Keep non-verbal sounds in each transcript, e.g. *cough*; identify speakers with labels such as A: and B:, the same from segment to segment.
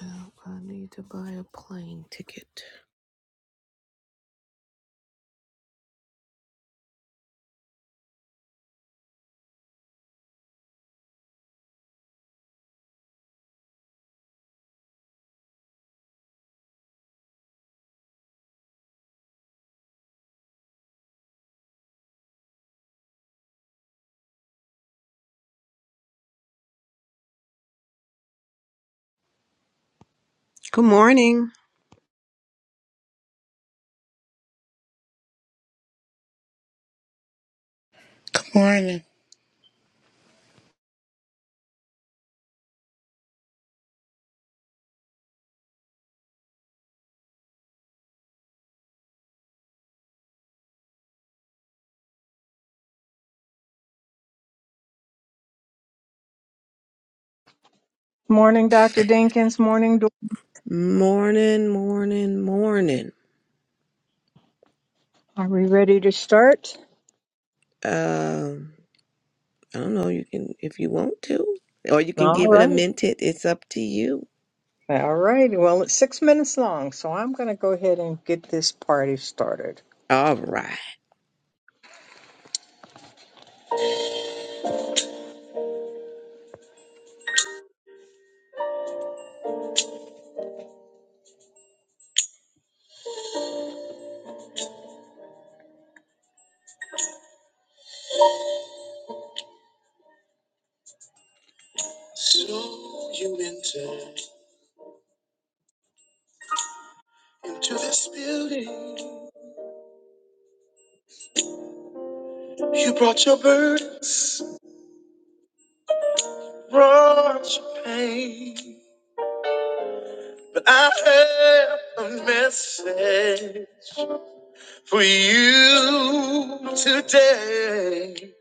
A: Well, I need to buy a plane ticket.
B: Good morning.
C: Good morning.
D: Morning, Dr. Dinkins. Morning. Dor-
A: Morning, morning, morning.
D: Are we ready to start?
A: Um, I don't know. You can, if you want to, or you can
D: All
A: give it a
D: right.
A: minute. It's up to you.
D: All right. Well, it's six minutes long, so I'm going to go ahead and get this party started.
A: All right.
D: Into this building, you brought your burdens, brought your pain. But I have a message for you today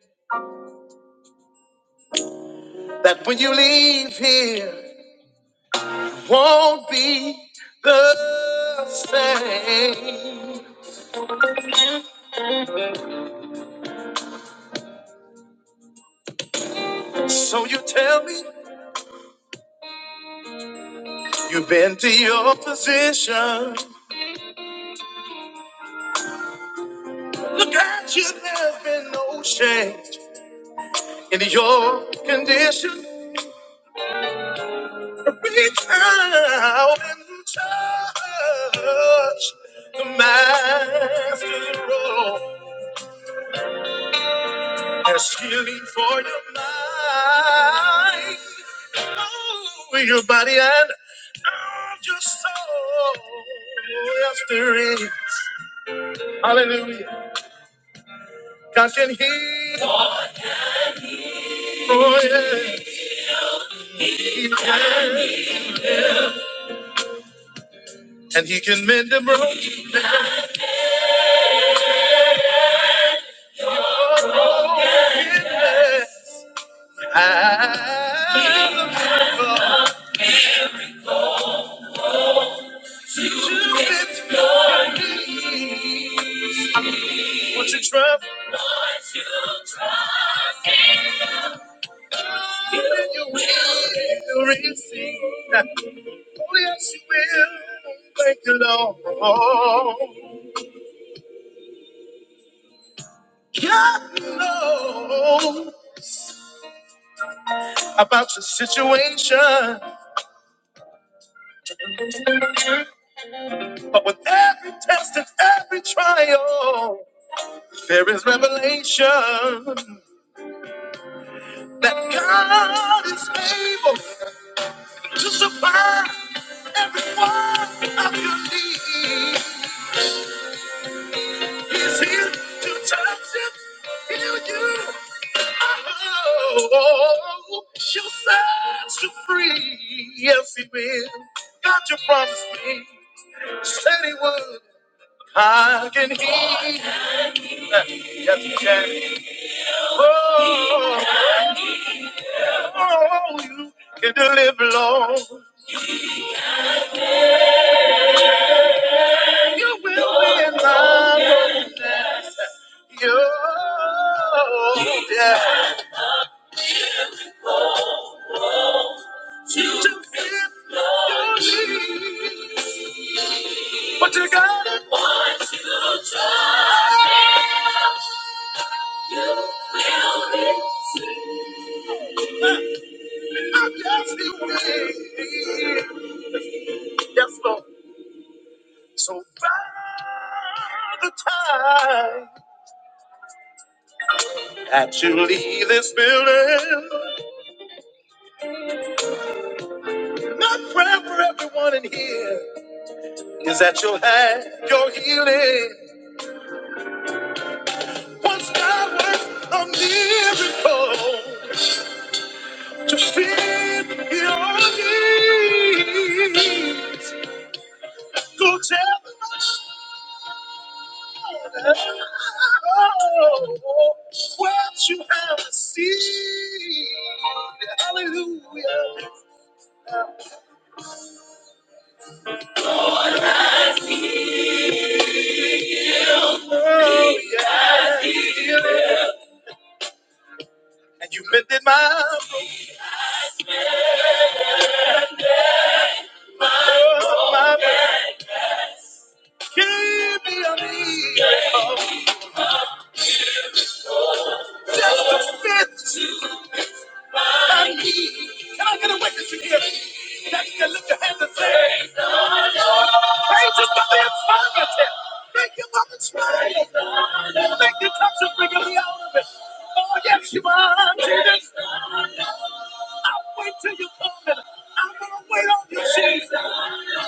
D: that when you leave here, won't be the same. So you tell me you've been to your position. Look at you, there's been no change in your condition. Reach out and touch the master. There's healing for your mind, oh, your body, and oh, your soul. Yes, there is. Hallelujah. God can heal. Oh, yeah. He can. And He can mend the broken. brokenness. And the miracle to fit your needs. What you try Yes, you will if you receive. Oh, yes, you will. Thank you, Lord. God knows about your situation, but with every test and every trial, there is revelation that God is able to supply every one of your needs. He's here to touch you, heal you. Oh, she'll set you free. Yes, he will. God, you promised me. Said he would. I can hear. Yes, he can. Oh, oh, you can deliver, Lord. You will be in time. you. yeah. To fit your needs. But you got it. I just feel ready. Yes, Lord. So by the time that you leave this building, my prayer for everyone in here is that you'll have your healing. Once God works a miracle to fit your needs, go tell them. Oh, what you have received. Hallelujah. Oh, yeah. And you mended my broken heart, my broken- Give me a miracle. Just a bit. I need. Can I get a witness in here? That you can lift your hands and say, Praise the Lord. Praise Him for the infirmity. Thank Him for the trial. Thank you, touch and bring me out of it. Oh, yes, you are, Jesus. I'll wait till you come in. I'm gonna wait on you, Jesus.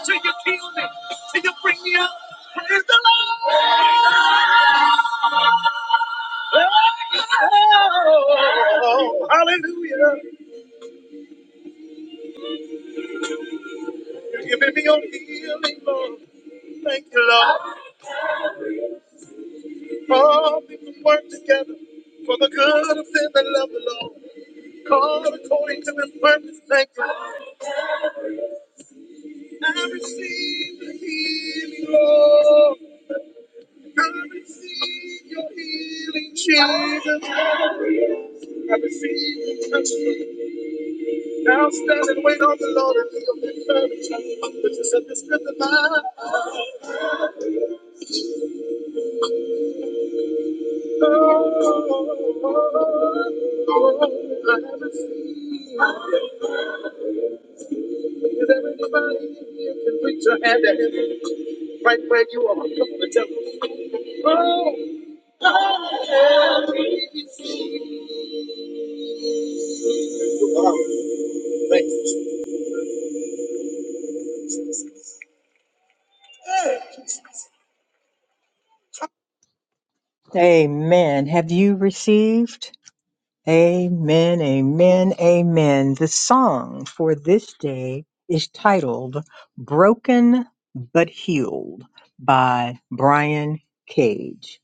D: Till you heal me, till you bring me out. Praise the Lord. Hallelujah. You're giving me your healing, Lord. Thank you, Lord. All people work together for the good of them that love the Lord. Called according to his purpose, thank you. I receive the healing, Lord. I receive your healing, Jesus. I receive your touch, Lord. Now stand and wait on the Lord and be of good courage, which is at the strength of mine. Oh, oh, oh, oh, I have received. Is there anybody in here can reach your hand at Right where you are. Come on and tell him. Oh, I am received. Wow, Thank you. Amen. Have you received? Amen, amen, amen. The song for this day is titled Broken But Healed by Brian Cage.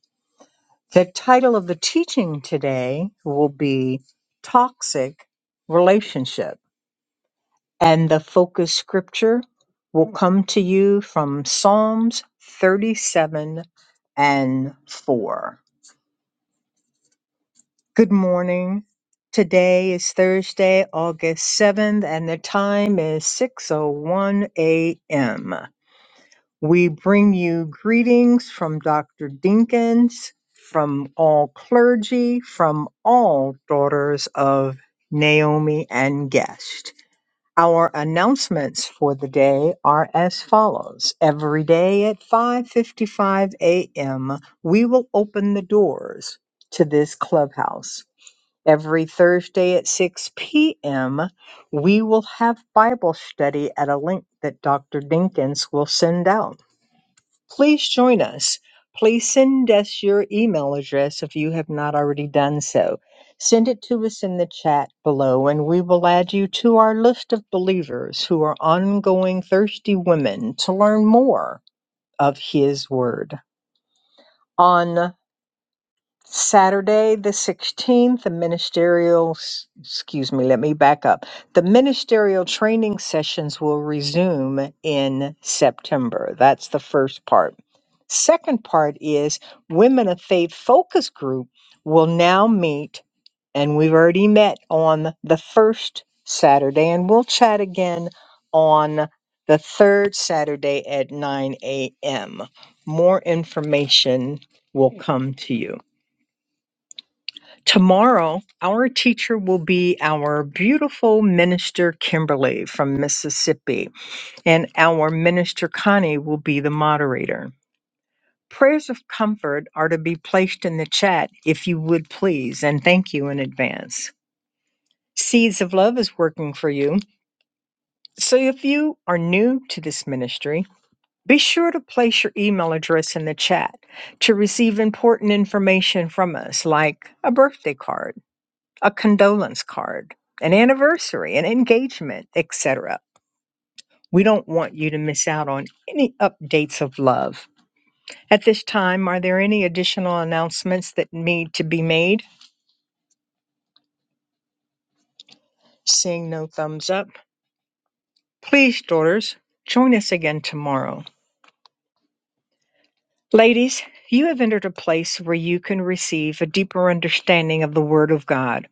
D: The title of the teaching today will be Toxic Relationship, and the focus scripture will come to you from Psalms 37 and 4. Good morning. Today is Thursday, August 7th, and the time is 6:01 a.m. We bring you greetings from Dr. Dinkins, from all clergy, from all daughters of Naomi and Guest. Our announcements for the day are as follows. Every day at 5:55 a.m., we will open the doors to this clubhouse. Every Thursday at 6 p.m., we will have Bible study at a link that Dr. Dinkins will send out. Please join us. Please send us your email address if you have not already done so. Send it to us in the chat below, and we will add you to our list of believers who are ongoing thirsty women to learn more of His Word. On. Saturday, the 16th, the ministerial, s- excuse me, let me back up. The ministerial training sessions will resume in September. That's the first part. Second part is Women of Faith Focus Group will now meet, and we've already met on the first Saturday, and we'll chat again on the third Saturday at 9 a.m. More information will come to you. Tomorrow, our teacher will be our beautiful minister Kimberly from Mississippi, and our minister Connie will be the moderator. Prayers of comfort are to be placed in the chat if you would please, and thank you in advance. Seeds of Love is working for you. So if you are new to this ministry, be sure to place your email address in the chat to receive important information from us, like a birthday card a condolence card, an anniversary, an engagement, etc. We don't want you to miss out on any updates of love. At this time, are there any additional announcements that need to be made? Seeing no thumbs up, please, daughters, join us again tomorrow. Ladies, you have entered a place where you can receive a deeper understanding of the Word of God.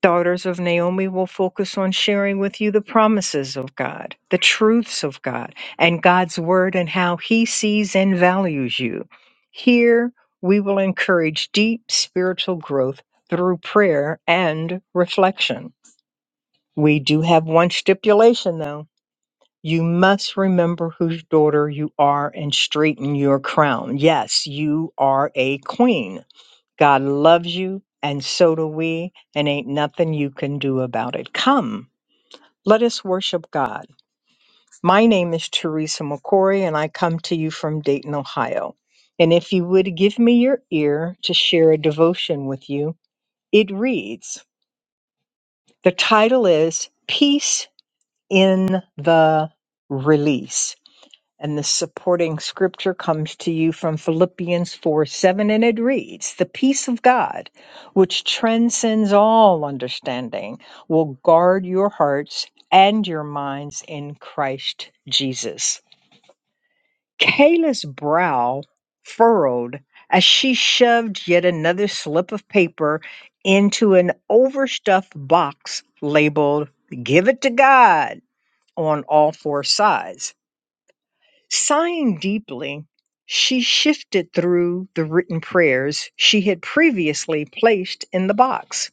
D: Daughters of Naomi will focus on sharing with you the promises of God, the truths of God, and God's word and how he sees and values you. Here, we will encourage deep spiritual growth through prayer and reflection. We do have one stipulation, though. You must remember whose daughter you are and straighten your crown. Yes, you are a queen. God loves you, and so do we, and ain't nothing you can do about it. Come, let us worship God. My name is Teresa McCory, and I come to you from Dayton, Ohio. And if you would give me your ear to share a devotion with you, it reads The title is Peace in the Release. And the supporting scripture comes to you from Philippians 4 7, and it reads, The peace of God, which transcends all understanding, will guard your hearts and your minds in Christ Jesus. Kayla's brow furrowed as she shoved yet another slip of paper into an overstuffed box labeled, Give it to God, on all four sides. Sighing deeply, she shifted through the written prayers she had previously placed in the box.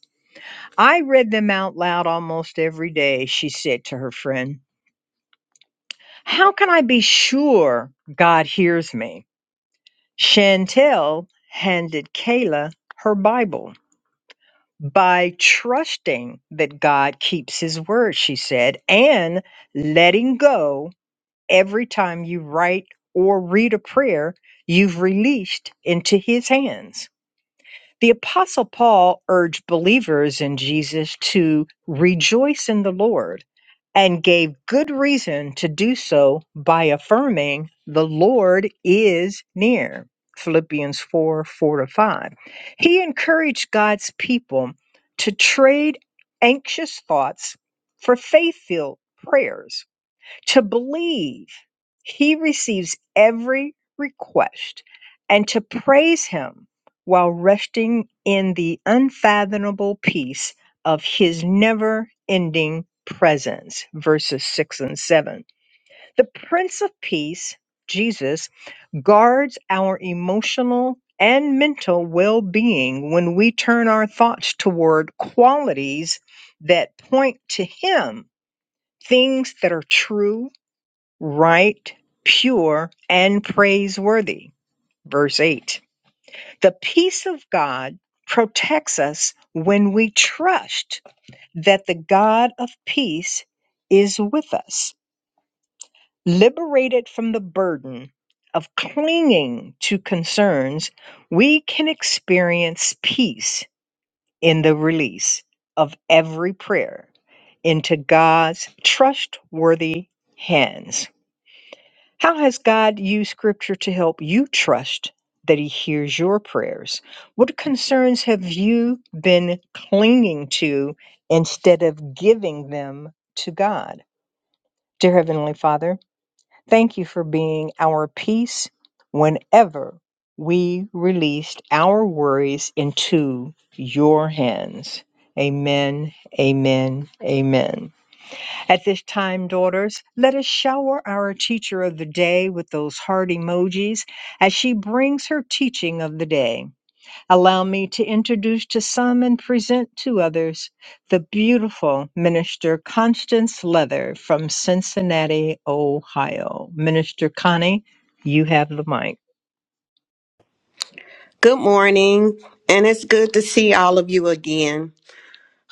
D: I read them out loud almost every day, she said to her friend. How can I be sure God hears me? Chantel handed Kayla her Bible. By trusting that God keeps his word, she said, and letting go Every time you write or read a prayer, you've released into his hands. The Apostle Paul urged believers in Jesus to rejoice in the Lord and gave good reason to do so by affirming, The Lord is near. Philippians 4 4 to 5. He encouraged God's people to trade anxious thoughts for faith filled prayers to believe he receives every request and to praise him while resting in the unfathomable peace of his never ending presence. Verses 6 and 7. The Prince of Peace, Jesus, guards our emotional and mental well being when we turn our thoughts toward qualities that point to him, things that are true right, pure, and praiseworthy. Verse 8 The peace of God protects us when we trust that the God of peace is with us, liberated from the burden. Of clinging to concerns, we can experience peace in the release of every prayer into God's trustworthy hands. How has God used scripture to help you trust that he hears your prayers? What concerns have you been clinging to instead of giving them to God? Dear Heavenly Father, thank you for being our peace whenever we released our worries into your hands. Amen, amen, amen. At this time, daughters, let us shower our teacher of the day with those heart emojis as she brings her teaching of the day. Allow me to introduce to some and present to others the beautiful Minister Constance Leather from Cincinnati, Ohio. Minister Connie, you have the mic.
B: Good morning. And it's good to see all of you again.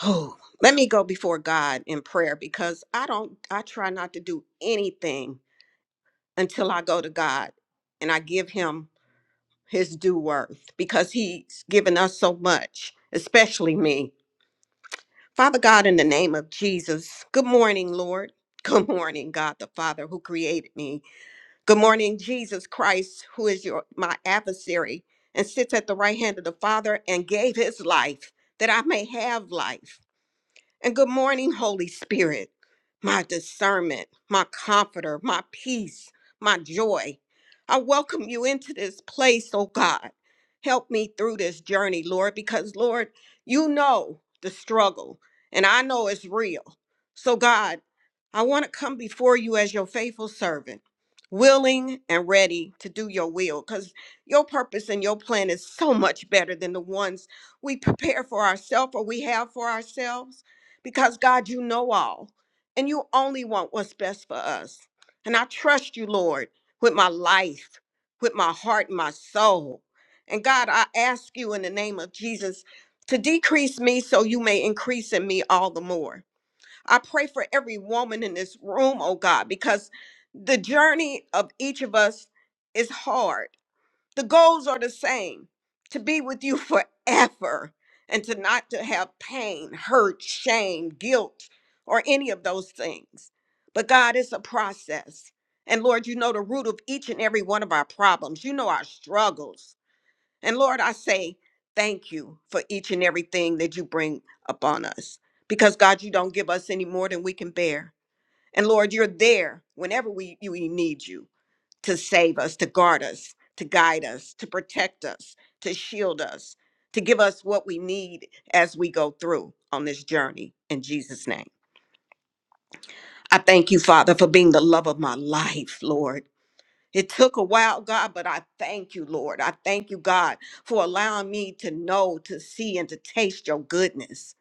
B: Oh, let me go before God in prayer because I don't, I try not to do anything until I go to God and I give Him His due worth because He's given us so much, especially me. Father God, in the name of Jesus, good morning, Lord. *laughs* Good morning, God the Father who created me. Good morning, Jesus Christ, who is your my adversary and sits at the right hand of the Father and gave his life that I may have life and good morning, Holy Spirit, my discernment, my comforter, my peace, my joy. I welcome you into this place, oh God. Help me through this journey, Lord, because, Lord, you know the struggle and I know it's real. So, God, I want to come before you as your faithful servant, willing and ready to do your will, because your purpose and your plan is so much better than the ones we prepare for ourselves or we have for ourselves because God, you know all, and you only want what's best for us. And I trust you, Lord, with my life, with my heart, and my soul. And God, I ask you in the name of Jesus to decrease me so you may increase in me all the more. I pray for every woman in this room, oh God, because the journey of each of us is hard the goals are the same to be with you *laughs* forever and to not to have pain, hurt, shame, guilt, or any of those things. But God, it's a process. And Lord, you know the root of each and every one of our problems. You know our struggles. And Lord, I say thank you for each and everything that you bring upon us. Because God, you don't give us any more than we can bear. And Lord, you're there whenever we, you, we need you to save us, to guard us, to guide us, to protect us, to shield us, to give us what we need as we go through on this journey in Jesus' name. I thank you, Father, for being the love of my life, Lord. It took a while, God, but I thank you, Lord. I thank you, God, for allowing me to know, to see, and to taste your goodness.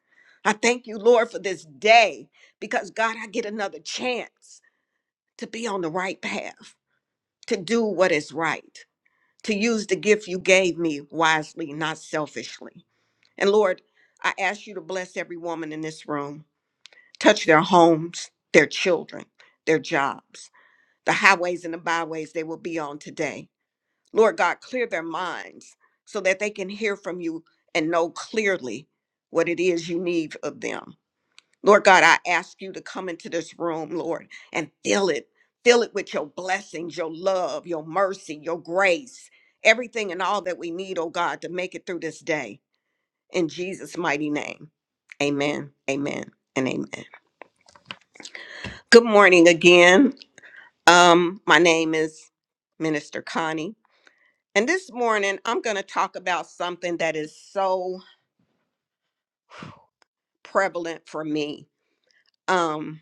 B: I thank you, Lord, for this day because, God, I get another chance to be on the right path, to do what is right. to use the gift you gave me wisely, not selfishly. And Lord, I ask you to bless every woman in this room, touch their homes, their children, their jobs, the highways and the byways they will be on today. Lord God, clear their minds so that they can hear from you and know clearly what it is you need of them. Lord God, I ask you to come into this room, Lord, and fill it. Fill it with your blessings, your love, your mercy, your grace, everything and all that we need, oh God, to make it through this day. In Jesus' mighty name. Amen, amen, and amen. Good morning again. Um, my name is Minister Connie. And this morning, I'm going to talk about something that is so prevalent for me. Um,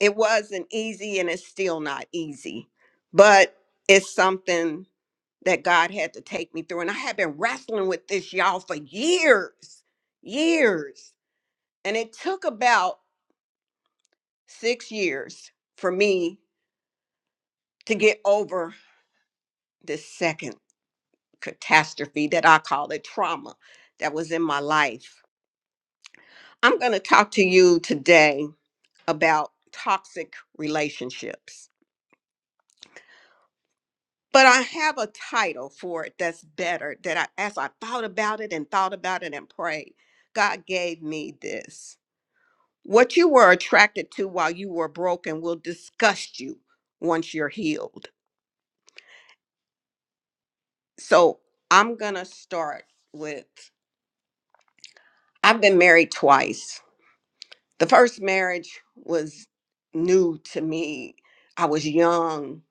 B: it wasn't easy and it's still not easy but it's something that god had to take me through and i have been wrestling with this y'all for years years and it took about six years for me to get over this second catastrophe that i call it trauma that was in my life i'm going to talk to you today about toxic relationships but I have a title for it that's better. That I, as I thought about it and thought about it and prayed, God gave me this. What you were attracted to while you were broken will disgust you once you're healed. So I'm gonna start with I've been married twice. The first marriage was new to me. I was young.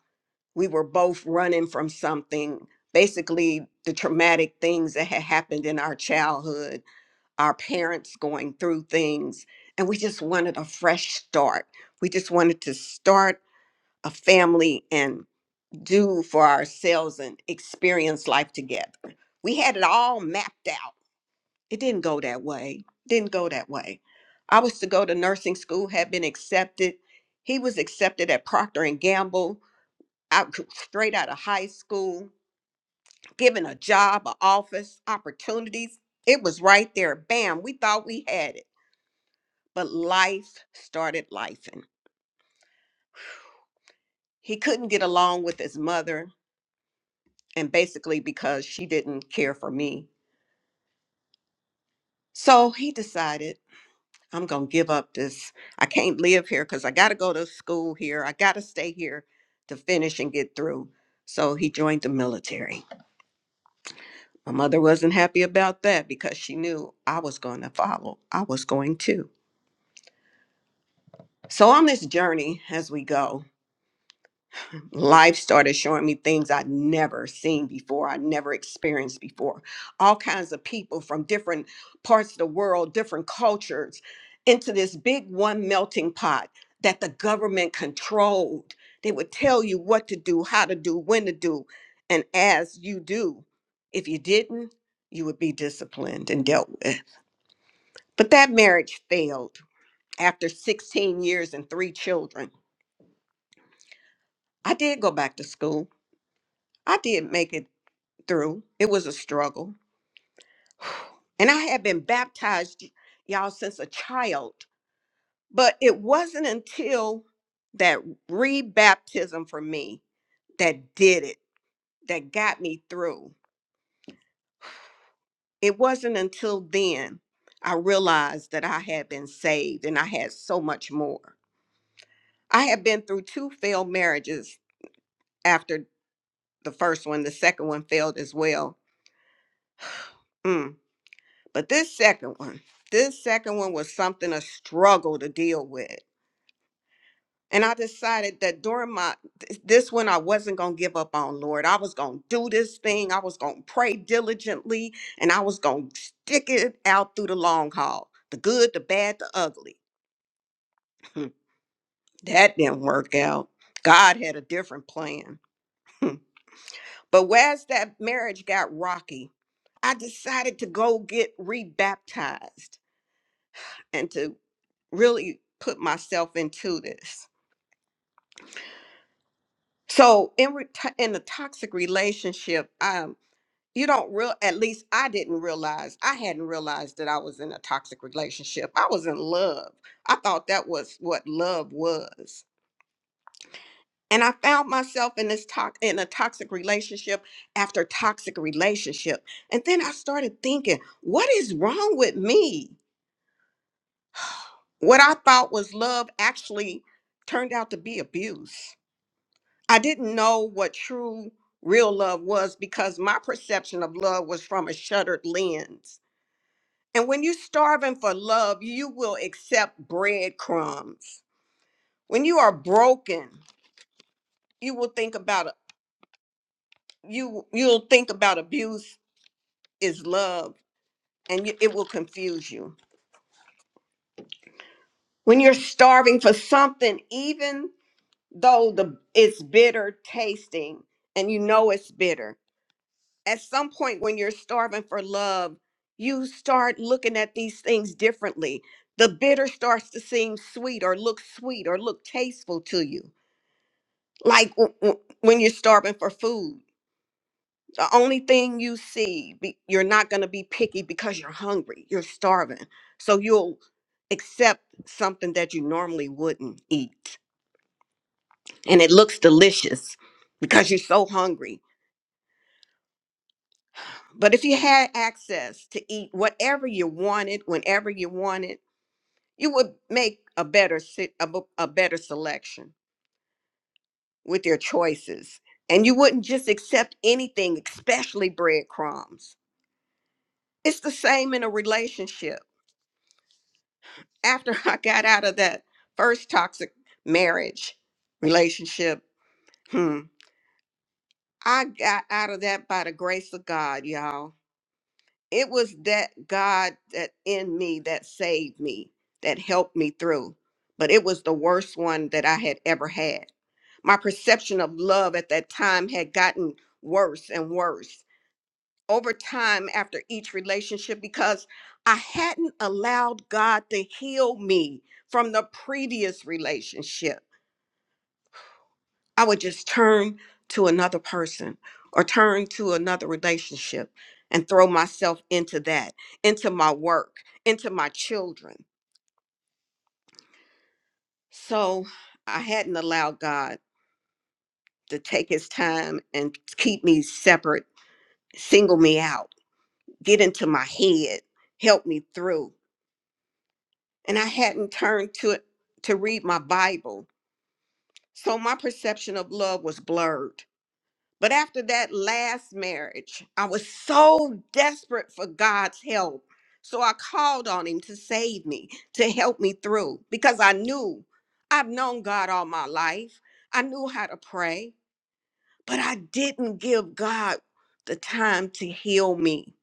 B: We were both running from something. Basically, the traumatic things that had happened in our childhood our parents going through things and we just wanted a fresh start we just wanted to start a family and do for ourselves and experience life together we had it all mapped out it didn't go that way didn't go that way i was to go to nursing school had been accepted he was accepted at procter and gamble out straight out of high school given a job an office opportunities it was right there bam we thought we had it but life started life he couldn't get along with his mother and basically because she didn't care for me so he decided i'm gonna give up this i can't live here because i gotta go to school here i gotta stay here to finish and get through so he joined the military my mother wasn't happy about that because she knew i was going to follow i was going to so on this journey as we go life started showing me things I'd never seen before, I'd never experienced before. All kinds of people from different parts of the world, different cultures, into this big one melting pot that the government controlled. They would tell you what to do, how to do, when to do. And as you do, if you didn't, you would be disciplined and dealt with. But that marriage failed after 16 years and three children. I did go back to school. I did make it through. It was a struggle. *sighs* And I had been baptized, y'all, since a child. But it wasn't until that rebaptism for me that did it, that got me through. It wasn't until then I realized that I had been saved and I had so much more. I had been through two failed marriages after the first one, the second one failed as well. Mm. But this second one, this second one was something a struggle to deal with. And I decided that during my th- this one I wasn't going to give up on, Lord. I was going to do this thing. I was going to pray diligently and I was going to stick it out through the long haul. The good, the bad, the ugly. *laughs* that didn't work out. God had a different plan. *laughs* but whereas that marriage got rocky, I decided to go get rebaptized. and to really put myself into this. So in re- to- in a toxic relationship, um, you don't real at least I didn't realize I hadn't realized that I was in a toxic relationship. I was in love. I thought that was what love was. And I found myself in this talk in a toxic relationship after toxic relationship. And then I started thinking, what is wrong with me? What I thought was love actually turned out to be abuse I didn't know what true real love was because my perception of love was from a shuttered lens. And when you're starving for love, you will accept breadcrumbs. When you are broken, you will think about you you'll think about abuse is love and you, it will confuse you. When you're starving for something even though the it's bitter tasting and you know it's bitter, at some point when you're starving for love, you start looking at these things differently. The bitter starts to seem sweet or look sweet or look tasteful to you. Like w- w- when you're starving for food, the only thing you see, be- you're not going to be picky because you're hungry, you're starving. So you'll accept something that you normally wouldn't eat. And it looks delicious because you're so hungry But if you had access to eat whatever you wanted, whenever you wanted, you would make a better se- a, bu- a better selection with your choices, and you wouldn't just accept anything, especially breadcrumbs. It's the same in a relationship. After *laughs* I got out of that first toxic marriage relationship, hmm, I got out of that by the grace of God, y'all it was that God that in me that saved me, that helped me through. But it was the worst one that I had ever had. My perception of love at that time had gotten worse and worse over time after each relationship because I hadn't allowed God to heal me from the previous relationship. I would just turn to another person or turn to another relationship and throw myself into that, into my work, into my children. So I hadn't allowed God to take his time and keep me separate, single me out, get into my head, help me through. And I hadn't turned to it to read my Bible. So my perception of love was blurred. But after that last marriage, I was so desperate for God's help. So I called on him to save me, to help me through, because I knew I've known God all my life. I knew how to pray, but I didn't give God the time to heal me.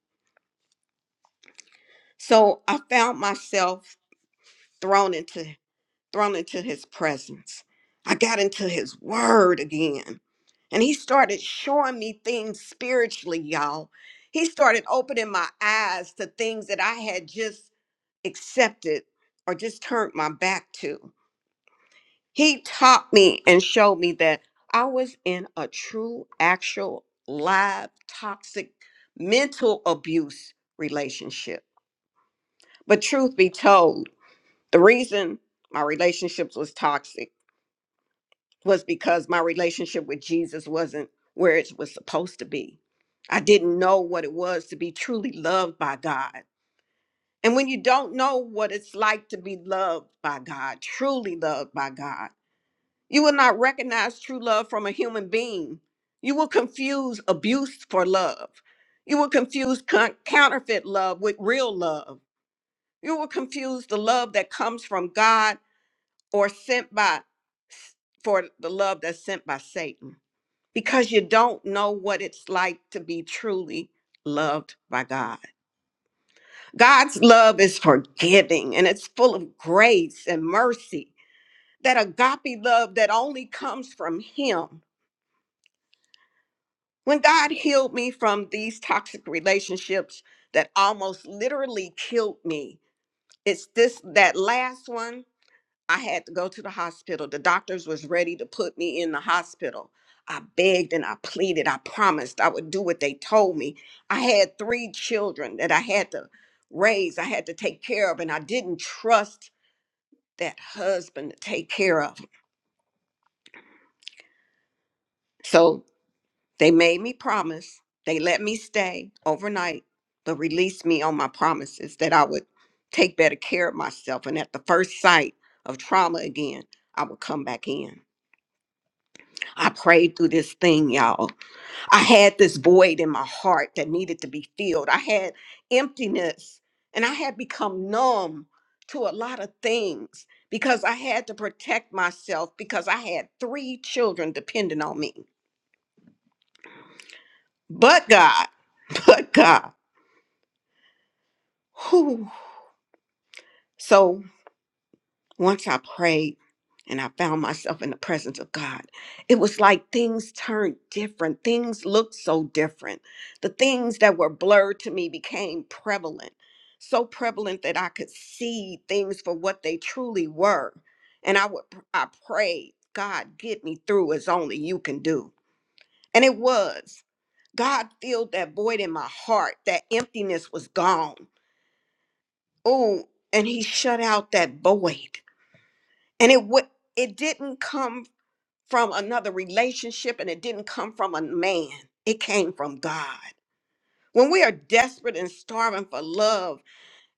B: So I found myself thrown into thrown into his presence. I got into his word again. And he started showing me things spiritually, y'all. He started opening my eyes to things that I had just accepted or just turned my back to. He taught me and showed me that I was in a true, actual, live, toxic mental abuse relationship. But truth be told, the reason my relationships was toxic was because my relationship with Jesus wasn't where it was supposed to be. I didn't know what it was to be truly loved by God. And when you don't know what it's like to be loved by God, truly loved by God, you will not recognize true love from a human being. You will confuse abuse for love. You will confuse con- counterfeit love with real love. You will confuse the love that comes from God or sent by for the love that's sent by Satan because you don't know what it's like to be truly loved by God. God's love is forgiving and it's full of grace and mercy. That agape love that only comes from Him. When God healed me from these toxic relationships that almost literally killed me, it's this, that last one I had to go to the hospital. The doctors was ready to put me in the hospital. I begged and I pleaded. I promised I would do what they told me. I had three children that I had to raise, I had to take care of, and I didn't trust that husband to take care of. So they made me promise. They let me stay overnight, but released me on my promises that I would take better care of myself. And at the first sight of trauma again, I would come back in. I prayed through this thing, y'all. I had this void in my heart that needed to be filled. I had emptiness and I had become numb to a lot of things because I had to protect myself because I had three children depending on me. But God, *laughs* but God. Whew. So Once I prayed and I found myself in the presence of God, it was like things turned different. Things looked so different. The things that were blurred to me became prevalent, so prevalent that I could see things for what they truly were. And I would I prayed, God, get me through as only you can do. And it was. God filled that void in my heart. That emptiness was gone. Oh, and he shut out that void and it would it didn't come from another relationship and it didn't come from a man it came from god when we are desperate and starving for love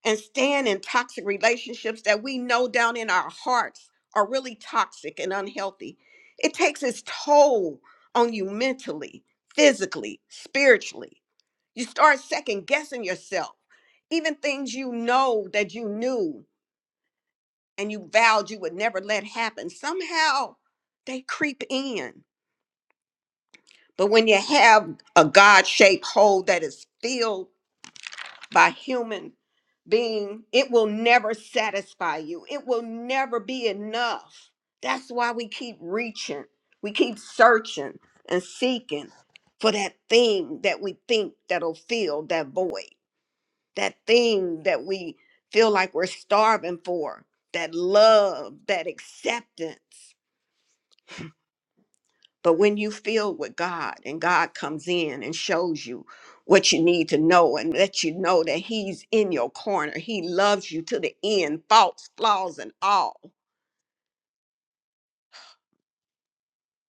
B: and staying in toxic relationships that we know down in our hearts are really toxic and unhealthy it takes its toll on you mentally physically spiritually you start second guessing yourself even things you know that you knew and you vowed you would never let happen, somehow they creep in. But when you have a God shaped hole that is filled by human being, it will never satisfy you. It will never be enough. That's why we keep reaching, we keep searching and seeking for that thing that we think that'll fill that void, that thing that we feel like we're starving for, that love, that acceptance But when you feel with God and God comes in and shows you what you need to know and lets you know that He's in your corner, He loves you to the end, faults, flaws, and all,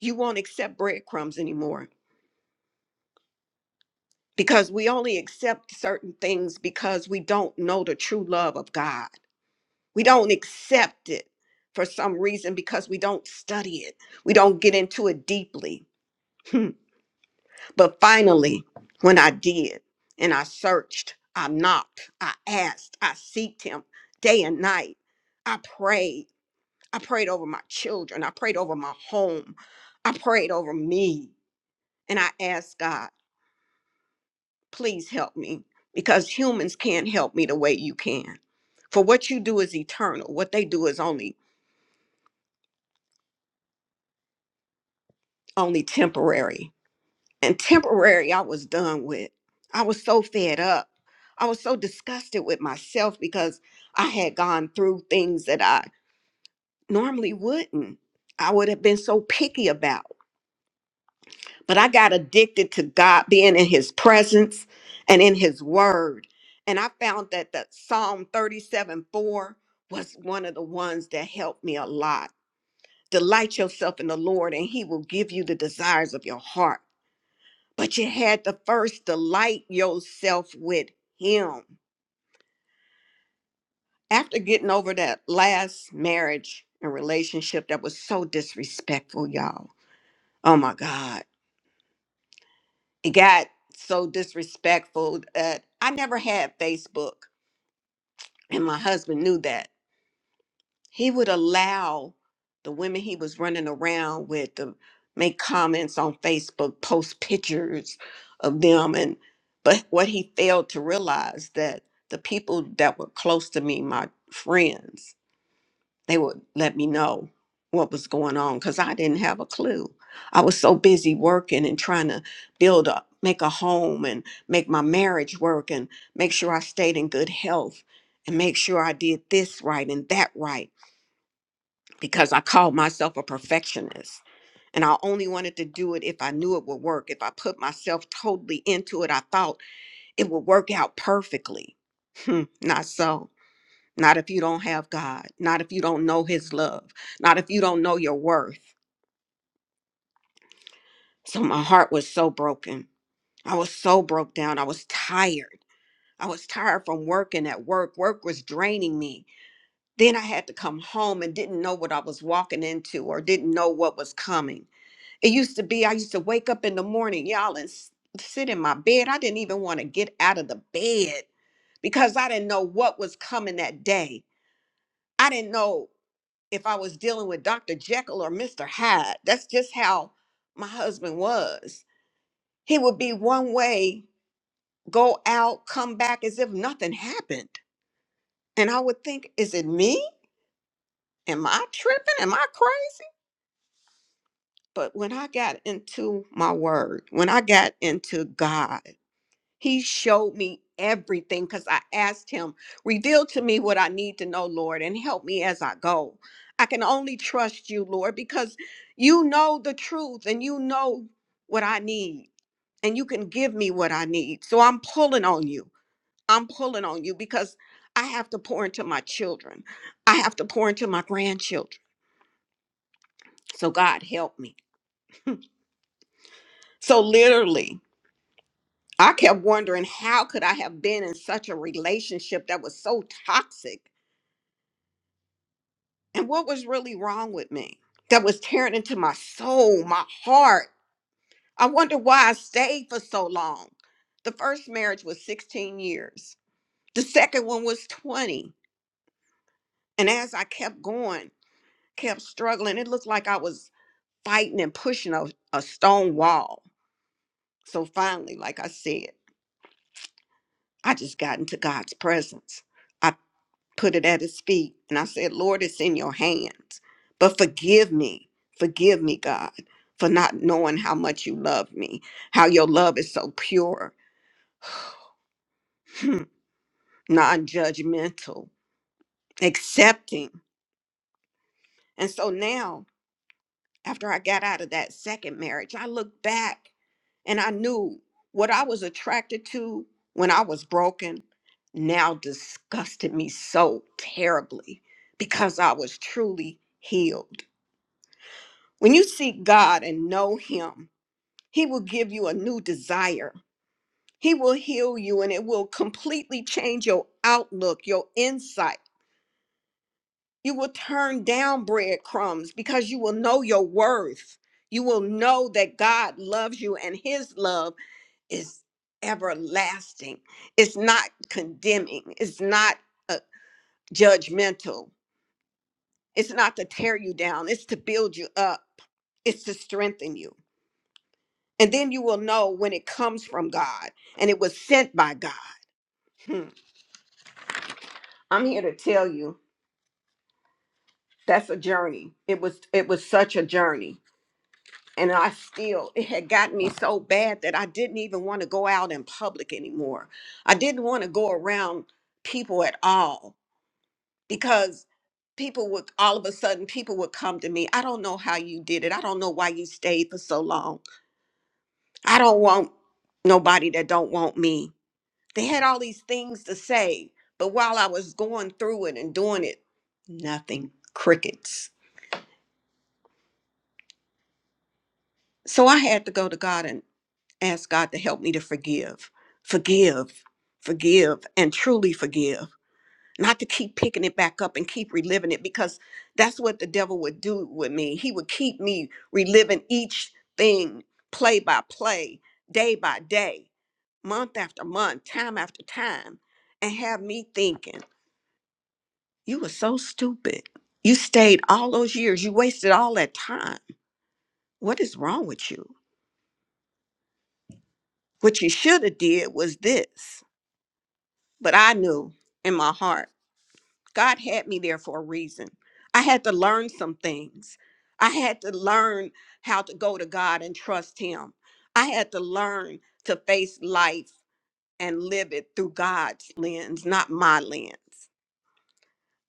B: you won't accept breadcrumbs anymore because we only accept certain things because we don't know the true love of God. We don't accept it for some reason because we don't study it, we don't get into it deeply. *laughs* But finally, when I did and I searched, I knocked, I asked, I seeked him day and night. I prayed. I prayed over my children. I prayed over my home. I prayed over me. And I asked God, please help me because humans can't help me the way you can. For what you do is eternal. What they do is only only temporary. and temporary I was done with. I was so fed up. I was so disgusted with myself because I had gone through things that I normally wouldn't. I would have been so picky about. But I got addicted to God being in his presence and in his word. And I found that the Psalm 37 4 was one of the ones that helped me a lot. Delight yourself in the Lord, and he will give you the desires of your heart. but you had to first delight yourself with him. After getting over that last marriage and relationship that was so disrespectful, y'all. Oh my God. It got so disrespectful that I never had Facebook, and my husband knew that. he would allow the women he was running around with to make comments on Facebook, post pictures of them and but what he failed to realize that the people that were close to me, my friends, they would let me know what was going on cuz I didn't have a clue. I was so busy working and trying to build up make a home and make my marriage work and make sure I stayed in good health and make sure I did this right and that right because I called myself a perfectionist. And I only wanted to do it if I knew it would work. If I put myself totally into it, I thought it would work out perfectly. Hmm, not so. Not if you don't have God. Not if you don't know His love. Not if you don't know your worth. So my heart was so broken. I was so broke down. I was tired. I was tired from working at work. Work was draining me. Then I had to come home and didn't know what I was walking into or didn't know what was coming. It used to be I used to wake up in the morning, y'all, and s- sit in my bed. I didn't even want to get out of the bed because I didn't know what was coming that day. I didn't know if I was dealing with Dr. Jekyll or Mr. Hyde. That's just how my husband was. He would be one way, go out, come back as if nothing happened. And I would think, is it me? Am I tripping? Am I crazy? But when I got into my word, when I got into God, He showed me everything because I asked him, Reveal to me what I need to know, Lord, and help me as I go. I can only trust you, Lord, because you know the truth and you know what I need, and you can give me what I need. So I'm pulling on you. I'm pulling on you because I have to pour into my children, I have to pour into my grandchildren. So, God, help me. So, literally, I kept wondering how could I have been in such a relationship that was so toxic and what was really wrong with me that was tearing into my soul, my heart. I wonder why I stayed for so long. The first marriage was 16 years, the second one was 20. And as I kept going, kept struggling, it looked like I was fighting and pushing a, a stone wall. So finally, like I said, I just got into God's presence. I. put it at his feet. And I said, Lord, it's in your hands. But forgive me. Forgive me, God, for not knowing how much you love me, how your love is so pure, *sighs* non judgmental, accepting. And so now, after I got out of that second marriage, I looked back and I knew what I was attracted to when I was broken now disgusted me so terribly because I was truly healed. When you seek God and know Him, He will give you a new desire. He will heal you and it will completely change your outlook, your insight. You will turn down breadcrumbs because you will know your worth. You will know that God loves you and His love is everlasting. It's not condemning, it's not uh, judgmental, it's not to tear you down, it's to build you up, it's to strengthen you. And then you will know when it comes from God and it was sent by God. Hmm. I'm here to tell you that's a journey. It was it was such a journey. And I still it had gotten me so bad that I didn't even want to go out in public anymore. I didn't want to go around people at all because people would all of a sudden people would come to me. I don't know how you did it. I don't know why you stayed for so long. I don't want nobody that don't want me. They had all these things to say, but while I was going through it and doing it, nothing, crickets. So I had to go to God and ask God to help me to forgive, forgive, forgive, and truly forgive. Not to keep picking it back up and keep reliving it because that's what the devil would do with me. He would keep me reliving each thing play by play, day by day, month after month, time after time, and have me thinking. You were so stupid. You stayed all those years. You wasted all that time. What is wrong with you? What you should have did was this. But I knew in my heart, God had me there for a reason. I had to learn some things. I had to learn how to go to God and trust him. I had to learn to face life and live it through God's lens, not my lens.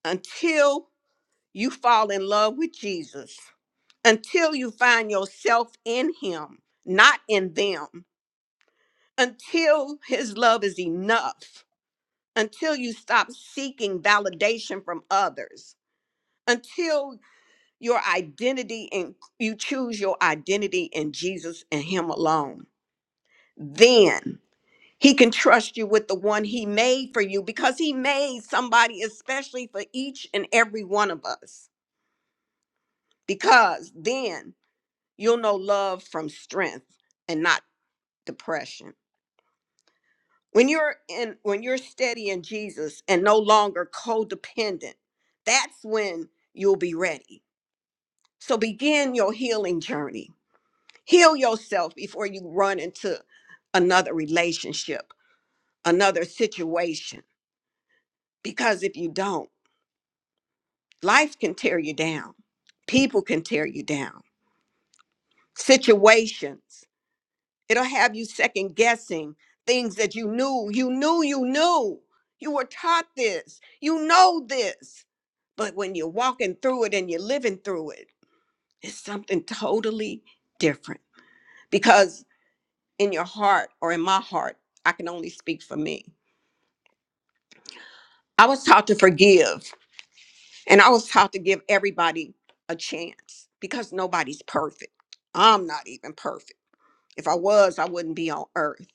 B: Until you fall in love with Jesus, until you find yourself in Him, not in them, until His love is enough, until you stop seeking validation from others, until your identity and you choose your identity in Jesus and Him alone, then He can trust you with the one He made for you because He made somebody especially for each and every one of us. Because then you'll know love from strength and not depression. When you're in when you're steady in Jesus and no longer codependent, that's when you'll be ready. So begin your healing journey. Heal yourself before you run into another relationship, another situation because if you don't, life can tear you down. People can tear you down. Situations It'll have you second guessing things that you knew. You knew you knew. You were taught this. You know this. But when you're walking through it and you're living through it, it's something totally different. Because in your heart or in my heart, I can only speak for me. I was taught to forgive and I was taught to give everybody a chance because nobody's perfect. I'm not even perfect. If I was, I wouldn't be on earth.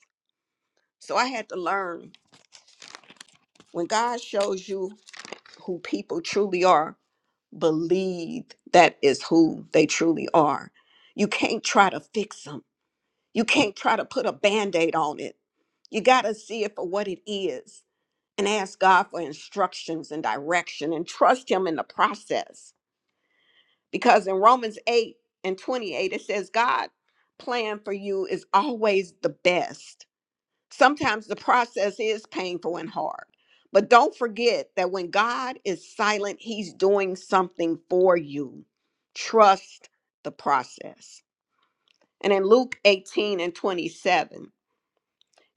B: So I had to learn when God shows you who people truly are believe that is who they truly are. You can't try to fix them. You can't try to put a band aid on it. You got to see it for what it is and ask God for instructions and direction and trust Him in the process. Because in Romans 8 and 28, it says, God' plan for you is always the best sometimes the process is painful and hard. But don't forget that when God is silent, He's doing something for you. Trust the process. And in Luke 18 and 27,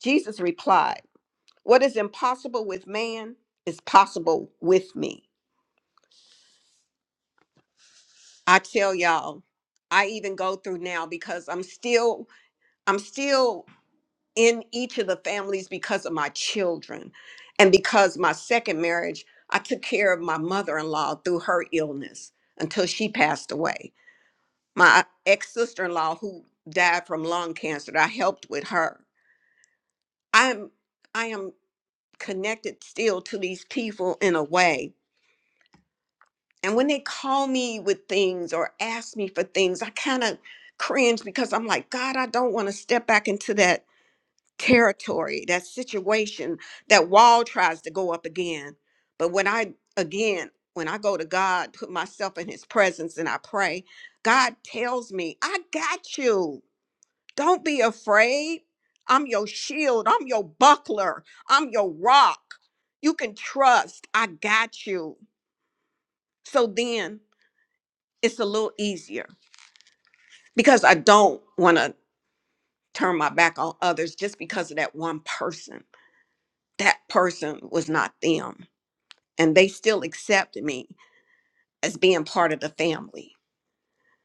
B: Jesus replied, What is impossible with man is possible with me. I tell y'all, I even go through now because I'm still, I'm still in each of the families because of my children and because my second marriage i took care of my mother-in-law through her illness until she passed away my ex-sister-in-law who died from lung cancer i helped with her i'm i am connected still to these people in a way and when they call me with things or ask me for things i kind of cringe because i'm like god i don't want to step back into that territory, that situation, that wall tries to go up again. But when I, again, when I go to God, put myself in his presence and I pray, God tells me, I got you. Don't be afraid. I'm your shield. I'm your buckler. I'm your rock. You can trust. I got you. So then it's a little easier because I don't want to turn my back on others just because of that one person. That person was not them and they still accepted me as being part of the family.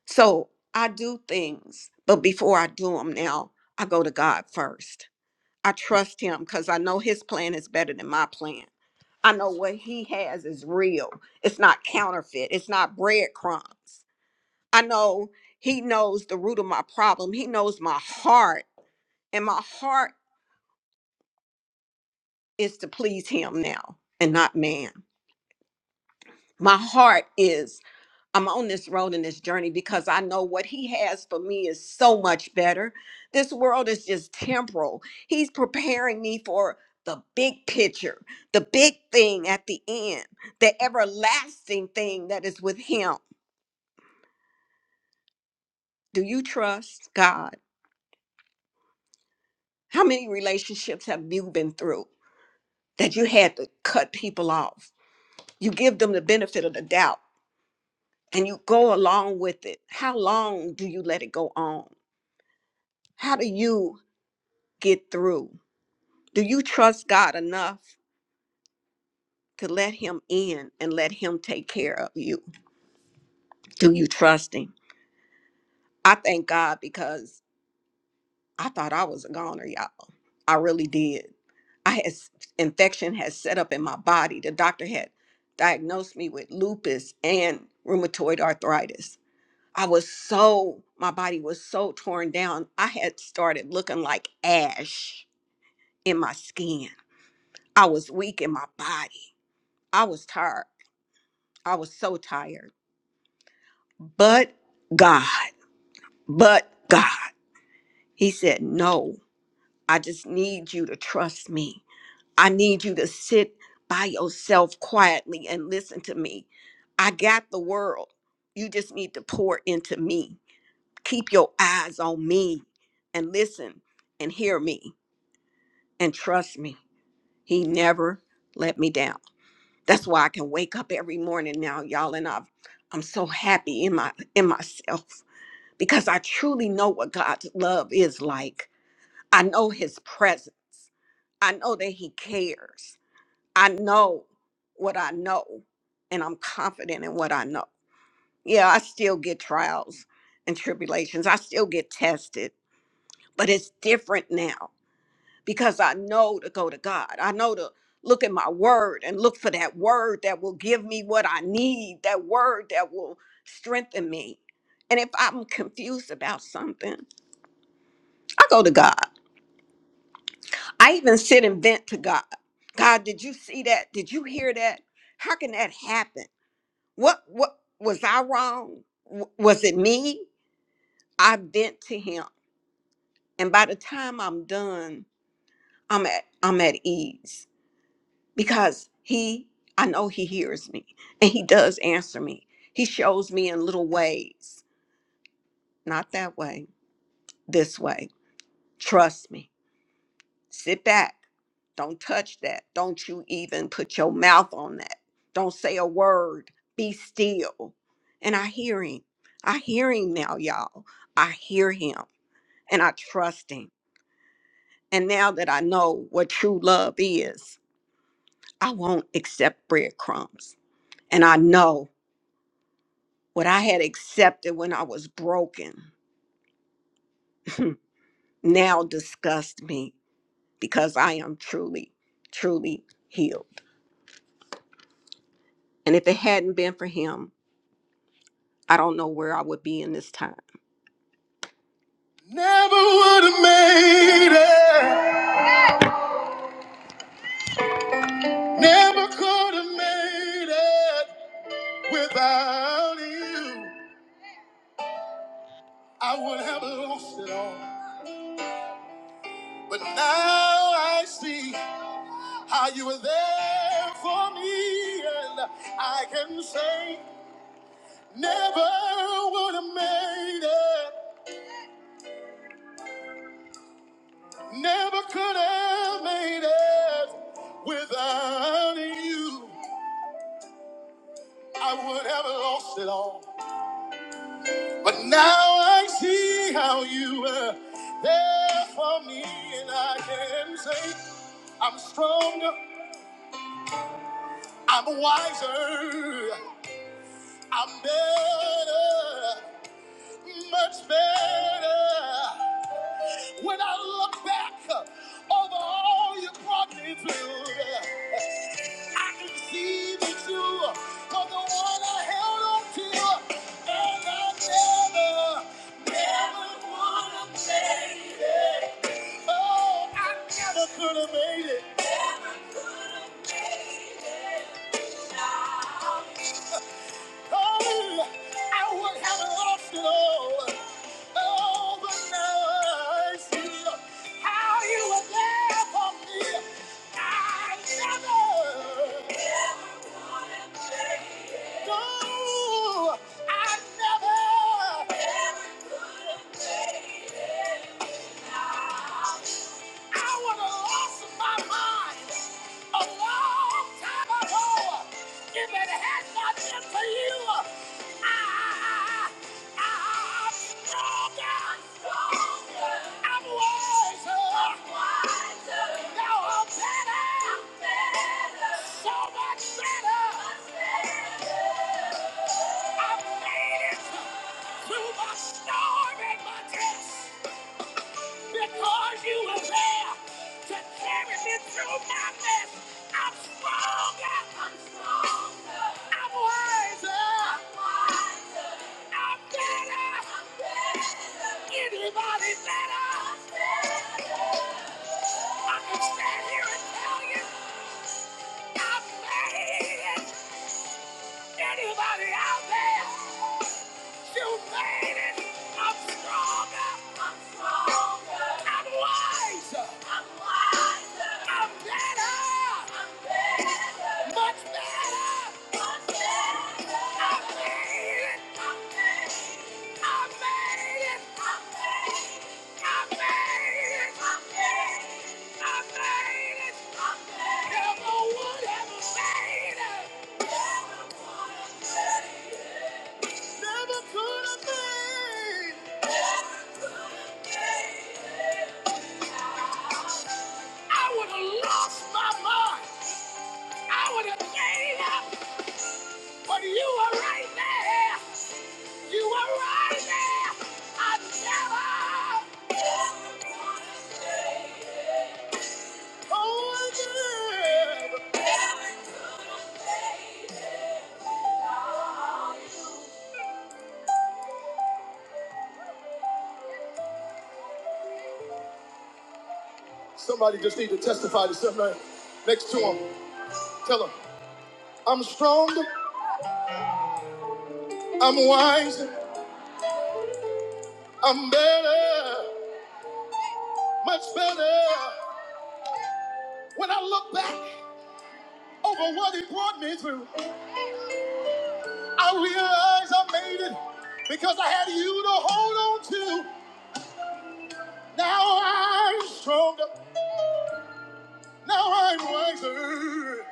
B: So I do things, but before I do them now, I go to God first. I trust Him because I know His plan is better than my plan. I know what He has is real, it's not counterfeit, it's not breadcrumbs. I know He knows the root of my problem, He knows my heart, and my heart is to please Him now and not man. My heart is. I'm on this road and this journey because I know what he has for me is so much better. This world is just temporal. He's preparing me for the big picture, the big thing at the end, the everlasting thing that is with him. Do you trust God? How many relationships have you been through that you had to cut people off? You give them the benefit of the doubt and you go along with it. How long do you let it go on? How do you get through? Do you trust God enough to let Him in and let Him take care of you? Do you trust Him? I thank God because I thought I was a goner, y'all. I really did. I had s- infection had set up in my body. The doctor had diagnosed me with lupus and rheumatoid arthritis. I was so my body was so torn down. I had started looking like ash in my skin. I was weak in my body. I was tired. I was so tired. But God, but God. He said, No, I just need you to trust me. I need you to sit by yourself quietly and listen to me. I got the world. You just need to pour into me. Keep your eyes on me and listen and hear me and trust me. He never let me down. That's why I can wake up every morning now, y'all, and I've, I'm so happy in my in myself. because I truly know what God's love is like. I know his presence. I know that he cares. I know what I know, and I'm confident in what I know. Yeah, I still get trials and tribulations. I still get tested, but it's different now because I know to go to God. I know to look at my word and look for that word that will give me what I need, that word that will strengthen me. And if I'm confused about something, I go to God. I even sit and vent to God. God, did you see that? Did you hear that? How can that happen? What what was I wrong? W- Was it me? I vent to him. And by the time I'm done, I'm at I'm at ease because he I know he hears me and he does answer me. He shows me in little ways. Not that way, this way. Trust me. Sit back Don't touch that. Don't you even put your mouth on that. Don't say a word. Be still. And I hear him. I hear him now, y'all. I hear him and I trust him. And now that I know what true love is, I won't accept breadcrumbs. And I know what I had accepted when I was broken *laughs* now disgusts me because I am truly, truly healed. And if it hadn't been for him, I don't know where I would be in this time. Never would have made it. Never could have made it without you. I would have lost it all. But now I see how you were there for me, and I can say, never would have made it. Never could have made it without you. I would have lost it all. But now I see how you were there for me, and I can say I'm stronger, I'm wiser, I'm better, much better. When I look back over all you brought me through, I can see that you are the one I held on to, and I never, never would have made it. Oh, I never could have made it. Never could have made it. Now, Oh, I would have lost it all. Oh, but now I see how you were there for me. I never, no, I never. I would have lost my mind a long time ago if it had not been for you. I, I, I'm stronger. I'm stronger. I'm wiser. I'm wiser. Now I'm better. I'm better. So much better. Much better. I've made it through my storm and my test. Because you were there to carry me through my mess, I'm stronger. I'm stronger. I'm wiser. I'm wiser. I'm better. I'm better. Anybody better? I'm better. I can stand here and tell you, I'm made it. Anybody out there? You made it. I'm stronger. I'm stronger. I'm wiser. I'm wiser. I'm better. I'm better. Much better. Much better. I made it. I made it. I made it. I made it. I made it. I made it. I made it. I made it. Never would have made it. Never would have made it. Never could have been. I would have lost my mind. I would have gave up. But you were right there. You were right there. I never. Oh, I never. Somebody just need to testify to somebody next to him. Tell him, I'm strong, I'm wise, I'm better, much better. When I look back over what he brought me through, I realize I made it because I had you to hold on to. Now I'm stronger, now I'm wiser,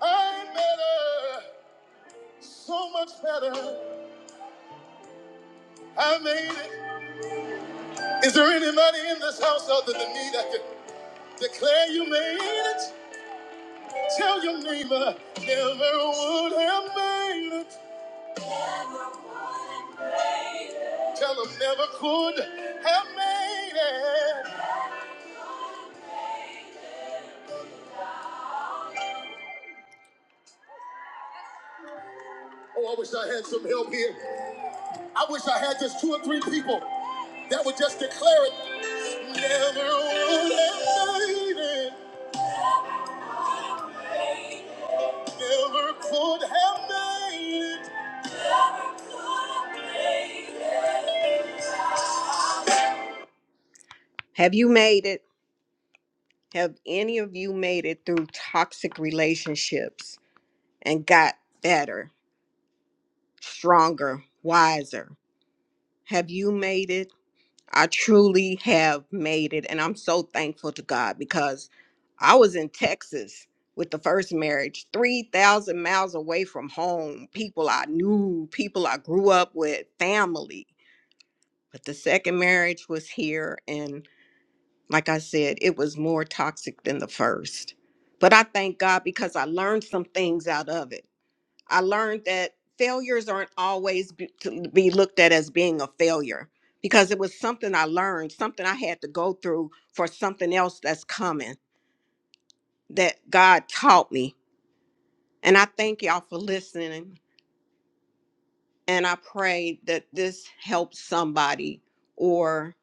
B: I'm better, so much better. I made it. Is there anybody in this house other than me that can? Declare you made it. Tell your neighbor, never would have made it. Tell them never could have made it. Oh, I wish I had some help here. I wish I had just two or three people that would just declare it. Never would have made it. Never could have made it. Have you made it? Have any of you made it through toxic relationships and got better, stronger, wiser? Have you made it? I truly have made it. And I'm so thankful to God because I was in Texas with the first marriage, 3,000 miles away from home, people I knew, people I grew up with, family. But the second marriage was here like I said, it was more toxic than the first. But I thank God because I learned some things out of it. I learned that failures aren't always be, to be looked at as being a failure because it was something I learned, something I had to go through for something else that's coming that God taught me. And I thank y'all for listening. And I pray that this helps somebody or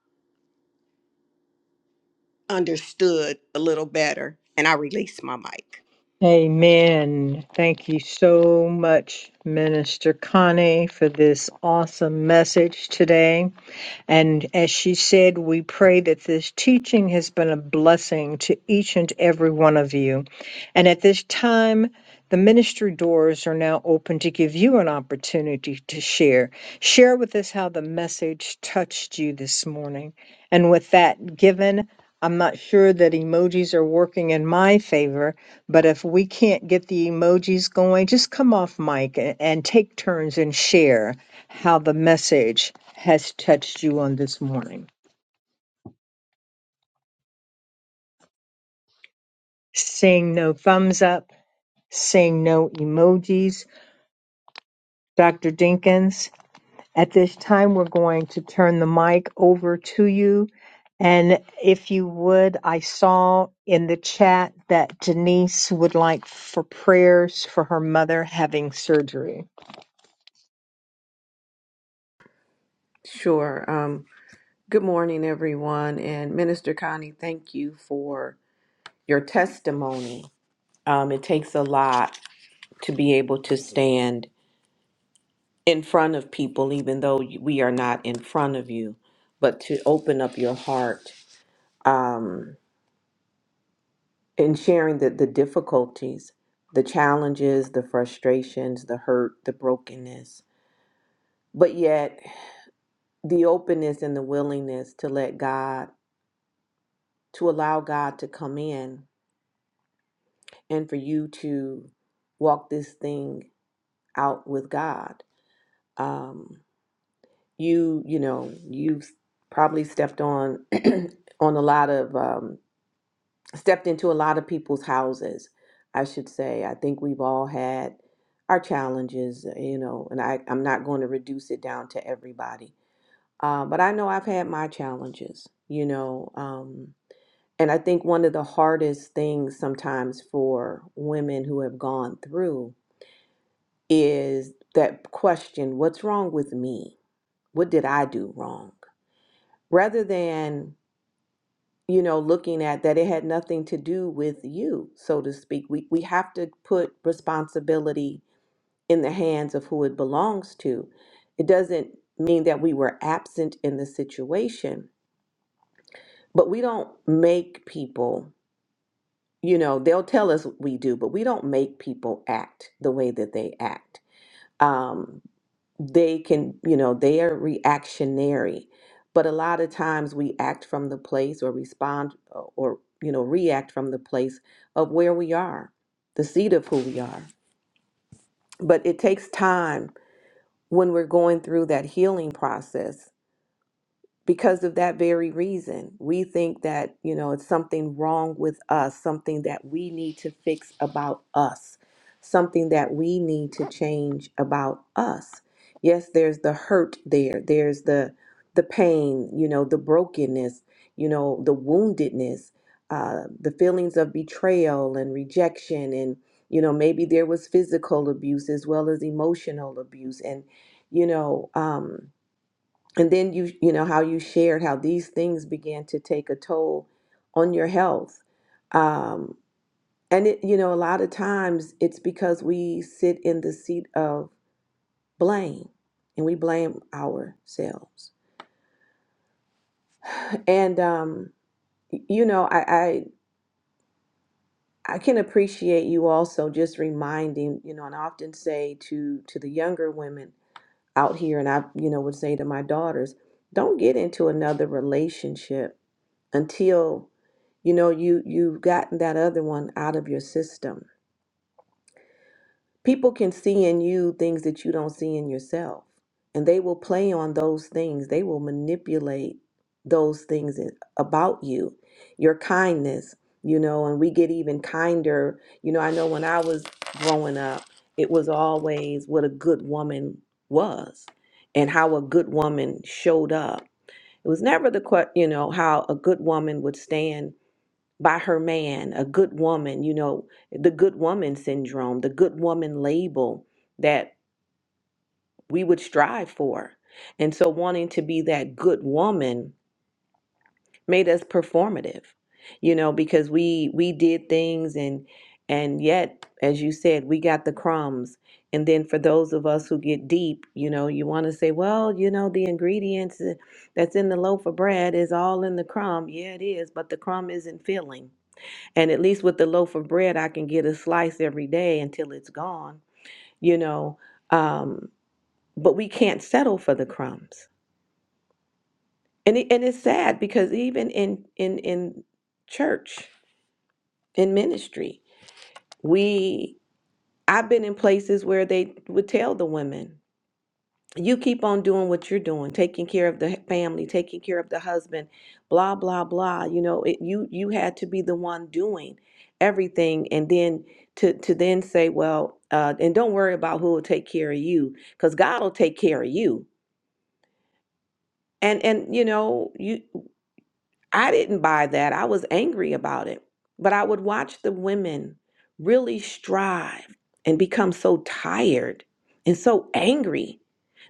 B: understood a little better. And I release my mic.
D: Amen. Thank you so much, Minister Connie, for this awesome message today. And as she said, we pray that this teaching has been a blessing to each and every one of you. And at this time, the ministry doors are now open to give you an opportunity to share. Share with us how the message touched you this morning. And with that given, I'm not sure that emojis are working in my favor, but if we can't get the emojis going, just come off mic and, and take turns and share how the message has touched you on this morning. Seeing no thumbs up, seeing no emojis. Dr. Dinkins, at this time, we're going to turn the mic over to you. And if you would, I saw in the chat that Denise would like for prayers for her mother having surgery.
A: Sure. Um, good morning, everyone. And Minister Connie, thank you for your testimony. Um, it takes a lot to be able to stand in front of people, even though we are not in front of you, but to open up your heart. Um, In sharing the, the difficulties, the challenges, the frustrations, the hurt, the brokenness. But yet, the openness and the willingness to let God, to allow God to come in and for you to walk this thing out with God. Um, you, you know, you've probably stepped on *clears throat* on a lot of um, stepped into a lot of people's houses, I should say. I think we've all had our challenges, uh, you know, and I, I'm not going to reduce it down to everybody. Uh, but I know I've had my challenges, you know. Um, and I think one of the hardest things sometimes for women who have gone through is that question what's wrong with me? What did I do wrong? Rather than you know, looking at that it had nothing to do with you, so to speak. We we have to put responsibility in the hands of who it belongs to. It doesn't mean that we were absent in the situation, but we don't make people, you know, they'll tell us we do, but we don't make people act the way that they act. Um, they can, you know, they are reactionary. But a lot of times we act from the place or respond uh, or, you know, react from the place of where we are, the seat of who we are. But it takes time when we're going through that healing process because of that very reason. We think that, you know, it's something wrong with us, something that we need to fix about us, something that we need to change about us. Yes, there's the hurt there. There's the the pain, you know, the brokenness, you know, the woundedness, uh, the feelings of betrayal and rejection, and you know, maybe there was physical abuse as well as emotional abuse, and you know, um, and then you you know how you shared how these things began to take a toll on your health um and it you know a lot of times it's because we sit in the seat of blame and we blame ourselves and um y- you know i i I can appreciate you also just reminding, you know, and I often say to to the younger women out here, and I, you know, would say to my daughters, don't get into another relationship until you know you you've gotten that other one out of your system people can see in you things that you don't see in yourself and they will play on those things they will manipulate those things in- about you your kindness you know and we get even kinder you know i know when i was growing up it was always what a good woman was and how a good woman showed up it was never the que- you know how a good woman would stand by her man, a good woman, you know, the good woman syndrome, the good woman label that we would strive for. And so wanting to be that good woman made us performative, you know, because we we did things and and yet as you said, we got the crumbs. And then for those of us who get deep, you know, you want to say, well, you know, the ingredients uh, that's in the loaf of bread is all in the crumb. Yeah, it is, but the crumb isn't filling and at least with the loaf of bread, I can get a slice every day until it's gone, you know. Um, but we can't settle for the crumbs. And, it, and it's sad because even in, in, in church, in ministry, we, I've been in places where they would tell the women, you keep on doing what you're doing taking care of the family taking care of the husband blah blah blah you know it, you you had to be the one doing everything and then to to then say well uh, and don't worry about who will take care of you because god will take care of you and and you know you I didn't buy that. I was angry about it. But I would watch the women really strive and become so tired and so angry,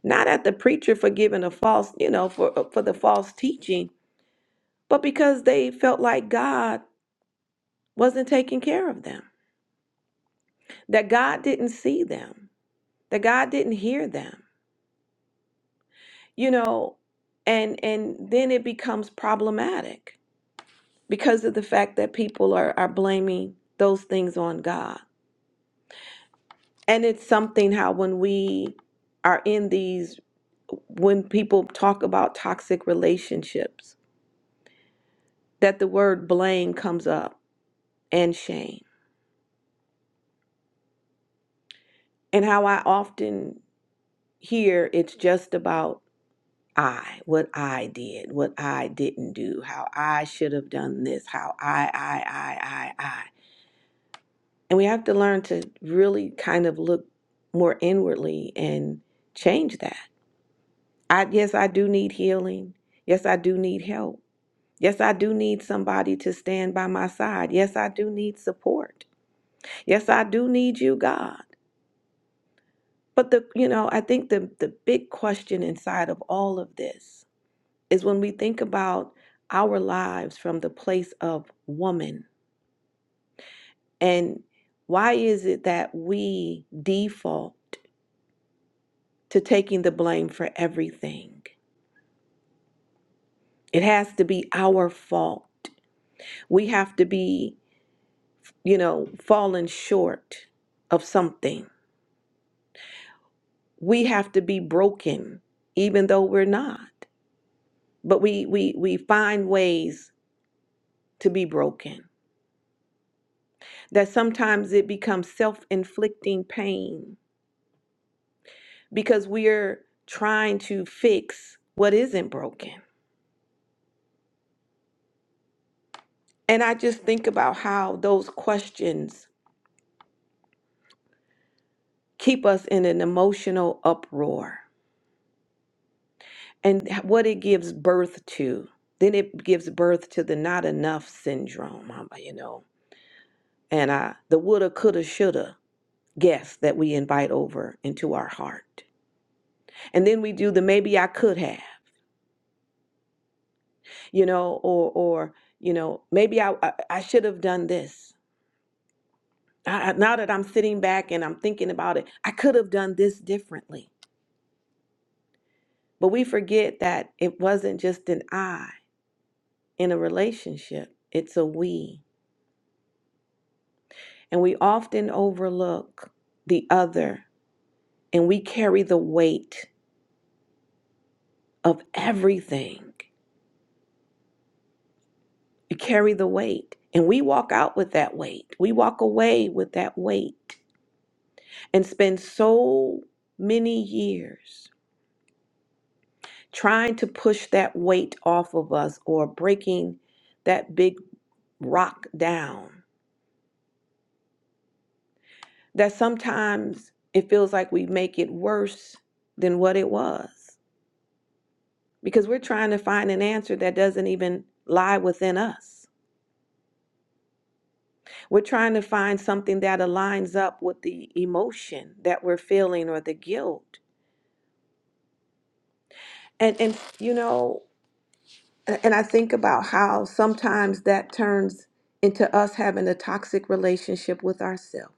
A: not at the preacher for giving a false, you know, for uh, for the false teaching, but because they felt like God wasn't taking care of them, that God didn't see them, that God didn't hear them. You know, and and then it becomes problematic because of the fact that people are are blaming those things on God. And it's something how when we are in these, when people talk about toxic relationships, that the word blame comes up and shame. And how I often hear it's just about I, what I did, what I didn't do, how I should have done this, how I, I, I, I, I. And we have to learn to really kind of look more inwardly and change that. I, yes, I do need healing. Yes, I do need help Yes, I do need somebody to stand by my side. Yes, I do need support. Yes, I do need you, God. But the you know, I think the the big question inside of all of this is when we think about our lives from the place of woman and why is it that we default to taking the blame for everything? It has to be our fault. We have to be, you know, falling short of something we have to be broken even though we're not but we we we find ways to be broken that sometimes it becomes self-inflicting pain because we're trying to fix what isn't broken and i just think about how those questions keep us in an emotional uproar and what it gives birth to then it gives birth to the not enough syndrome um, you know and i the woulda coulda shoulda guests that we invite over into our heart. And then we do the maybe I could have, you know, or or you know, maybe I I, I should have done this. I, I- now that I'm sitting back and I'm thinking about it, I could have done this differently. But we forget that it wasn't just an I in a relationship, it's a we. And we often overlook the other and we carry the weight of everything. You carry the weight. And we walk out with that weight. We walk away with that weight and spend so many years trying to push that weight off of us or breaking that big rock down that sometimes it feels like we make it worse than what it was because we're trying to find an answer that doesn't even lie within us. We're trying to find something that aligns up with the emotion that we're feeling or the guilt And and you know, a- and I think about how sometimes that turns into us having a toxic relationship with ourselves.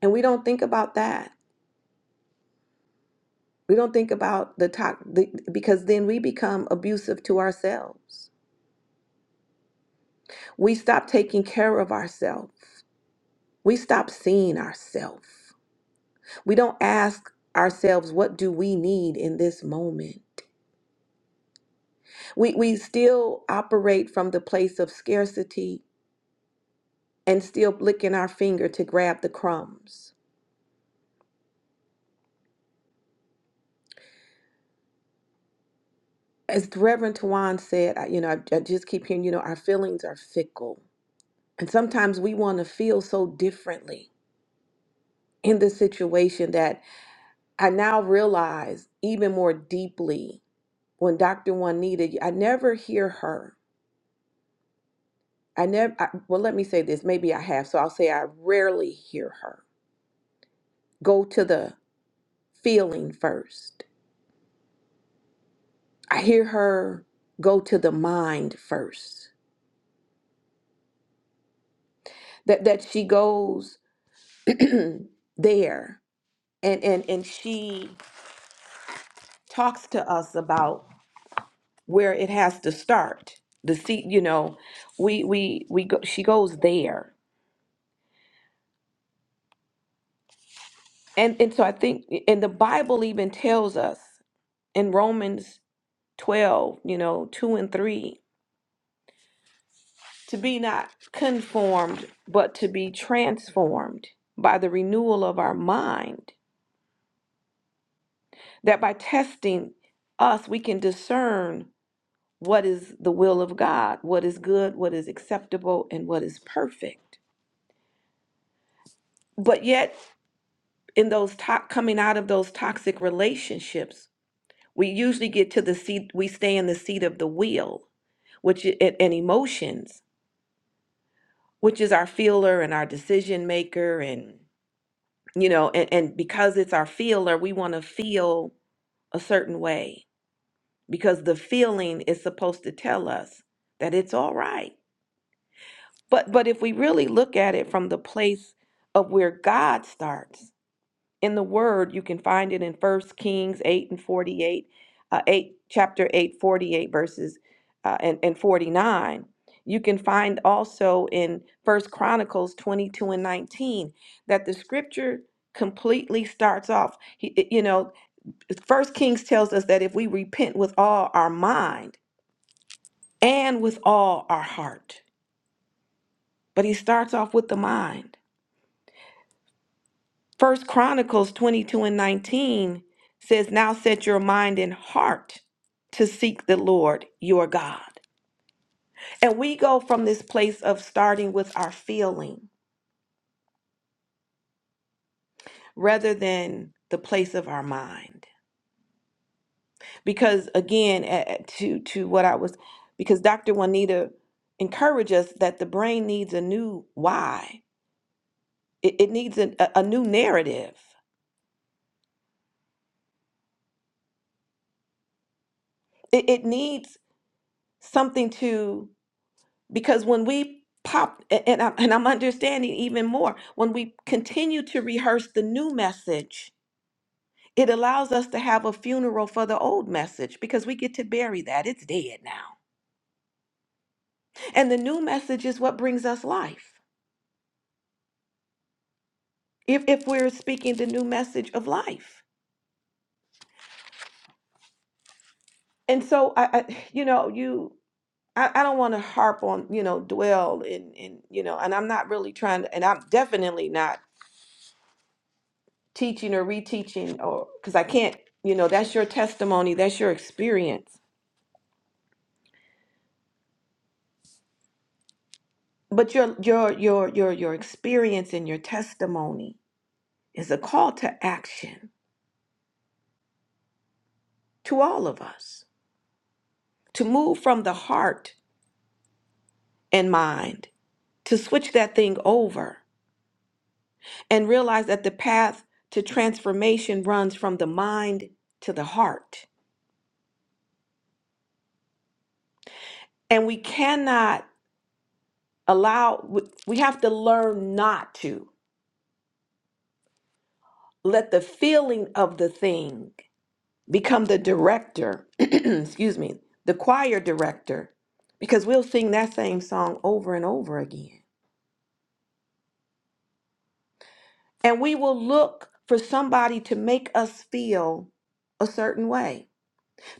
A: And we don't think about that. We don't think about the tox the, because then we become abusive to ourselves. We stop taking care of ourselves. We stop seeing ourselves. We don't ask ourselves what do we need in this moment. We we still operate from the place of scarcity and still licking our finger to grab the crumbs. As Reverend Tawan said, I, you know, I, I just keep hearing, you know, our feelings are fickle. And sometimes we want to feel so differently in this situation that I now realize even more deeply when Dr. Juanita, I never hear her. I never, I, well, let me say this, maybe I have, so I'll say I rarely hear her go to the feeling first. I hear her go to the mind first that that she goes *clears throat* there and and and she talks to us about where it has to start the seat you know we we we go she goes there and and so i think and the bible even tells us in romans 12 you know 2 and 3 to be not conformed but to be transformed by the renewal of our mind that by testing us we can discern what is the will of God, what is good, what is acceptable, and what is perfect. But yet, in those to- coming out of those toxic relationships, we usually get to the seat, we stay in the seat of the will, which i- and, and emotions, which is our feeler and our decision maker. And, you know, and, and because it's our feeler, we want to feel a certain way because the feeling is supposed to tell us that it's all right But but if we really look at it from the place of where God starts in the Word, you can find it in First Kings eight and forty eight, uh, eight chapter eight forty eight verses uh, and and forty nine. You can find also in First Chronicles twenty two and nineteen that the Scripture completely starts off. He- it- You know, First Kings tells us that if we repent with all our mind and with all our heart, but he starts off with the mind. First Chronicles 22 and 19 says, Now set your mind and heart to seek the Lord your God. And we go from this place of starting with our feeling rather than the place of our mind. Because again, a- a- to, to what I was, because Dr. Juanita encouraged us that the brain needs a new why, it, it needs a, a a new narrative, it, it needs something to. because when we pop a- and I'm, and I'm understanding even more when we continue to rehearse the new message it allows us to have a funeral for the old message because we get to bury that it's dead now and the new message is what brings us life if if we're speaking the new message of life and so i, I you know you I, I don't want to harp on you know dwell and and you know and i'm not really trying to and i'm definitely not teaching or reteaching or because I can't, you know, that's your testimony, that's your experience. But your your your your your experience and your testimony is a call to action to all of us to move from the heart and mind to switch that thing over and realize that the path to transformation runs from the mind to the heart. And we cannot allow we have to learn not to let the feeling of the thing become the director, *clears throat* excuse me, the choir director, because we'll sing that same song over and over again. And we will look for somebody to make us feel a certain way.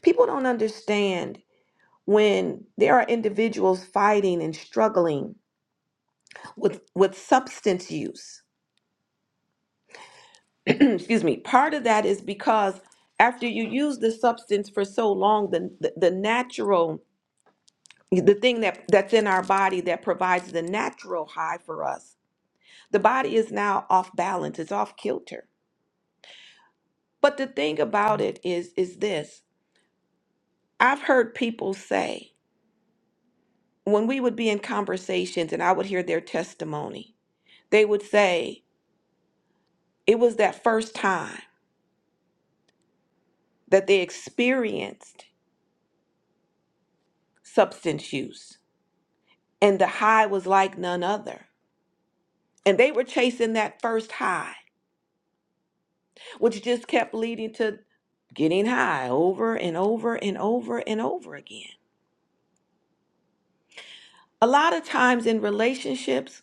A: People don't understand when there are individuals fighting and struggling with, with substance use. *clears throat* excuse me. Part of that is because after you use the substance for so long, the, the, the natural the thing that that's in our body that provides the natural high for us the body is now off balance it's off kilter but the thing about it is is this i've heard people say when we would be in conversations and i would hear their testimony they would say it was that first time that they experienced substance use and the high was like none other and they were chasing that first high which just kept leading to getting high over and over and over and over again. A lot of times in relationships,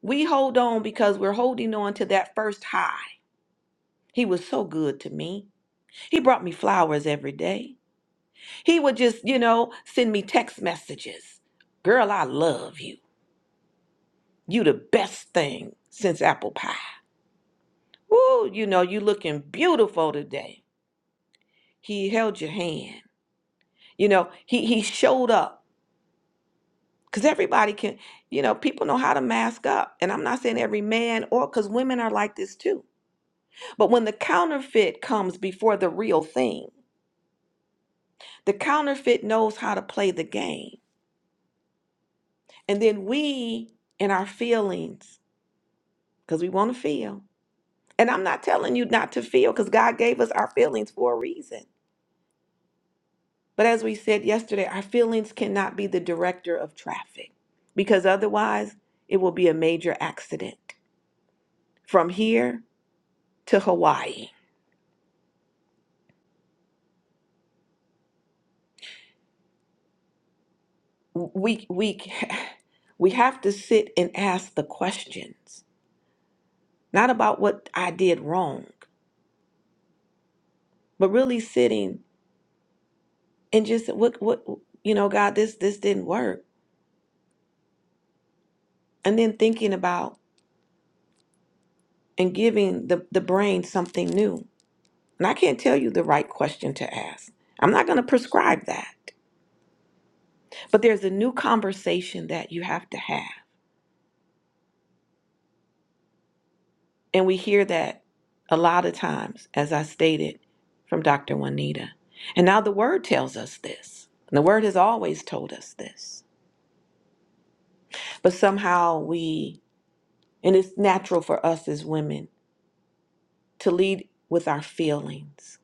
A: we hold on because we're holding on to that first high. He was so good to me. He brought me flowers every day. He would just, you know, send me text messages. Girl, I love you. You the best thing since apple pie. Woo, you know, you looking beautiful today. He held your hand. You know, he he showed up because everybody can you know people know how to mask up and i'm not saying every man or because women are like this too but when the counterfeit comes before the real thing the counterfeit knows how to play the game and then we in our feelings because we want to feel and i'm not telling you not to feel because god gave us our feelings for a reason but as we said yesterday our feelings cannot be the director of traffic because otherwise it will be a major accident from here to hawaii we we we have to sit and ask the questions not about what i did wrong but really sitting and just what what you know god this this didn't work and then thinking about and giving the the brain something new and i can't tell you the right question to ask i'm not going to prescribe that but there's a new conversation that you have to have And we hear that a lot of times, as I stated from Dr. Juanita. And now the word tells us this. And the word has always told us this. But somehow we, and it's natural for us as women to lead with our feelings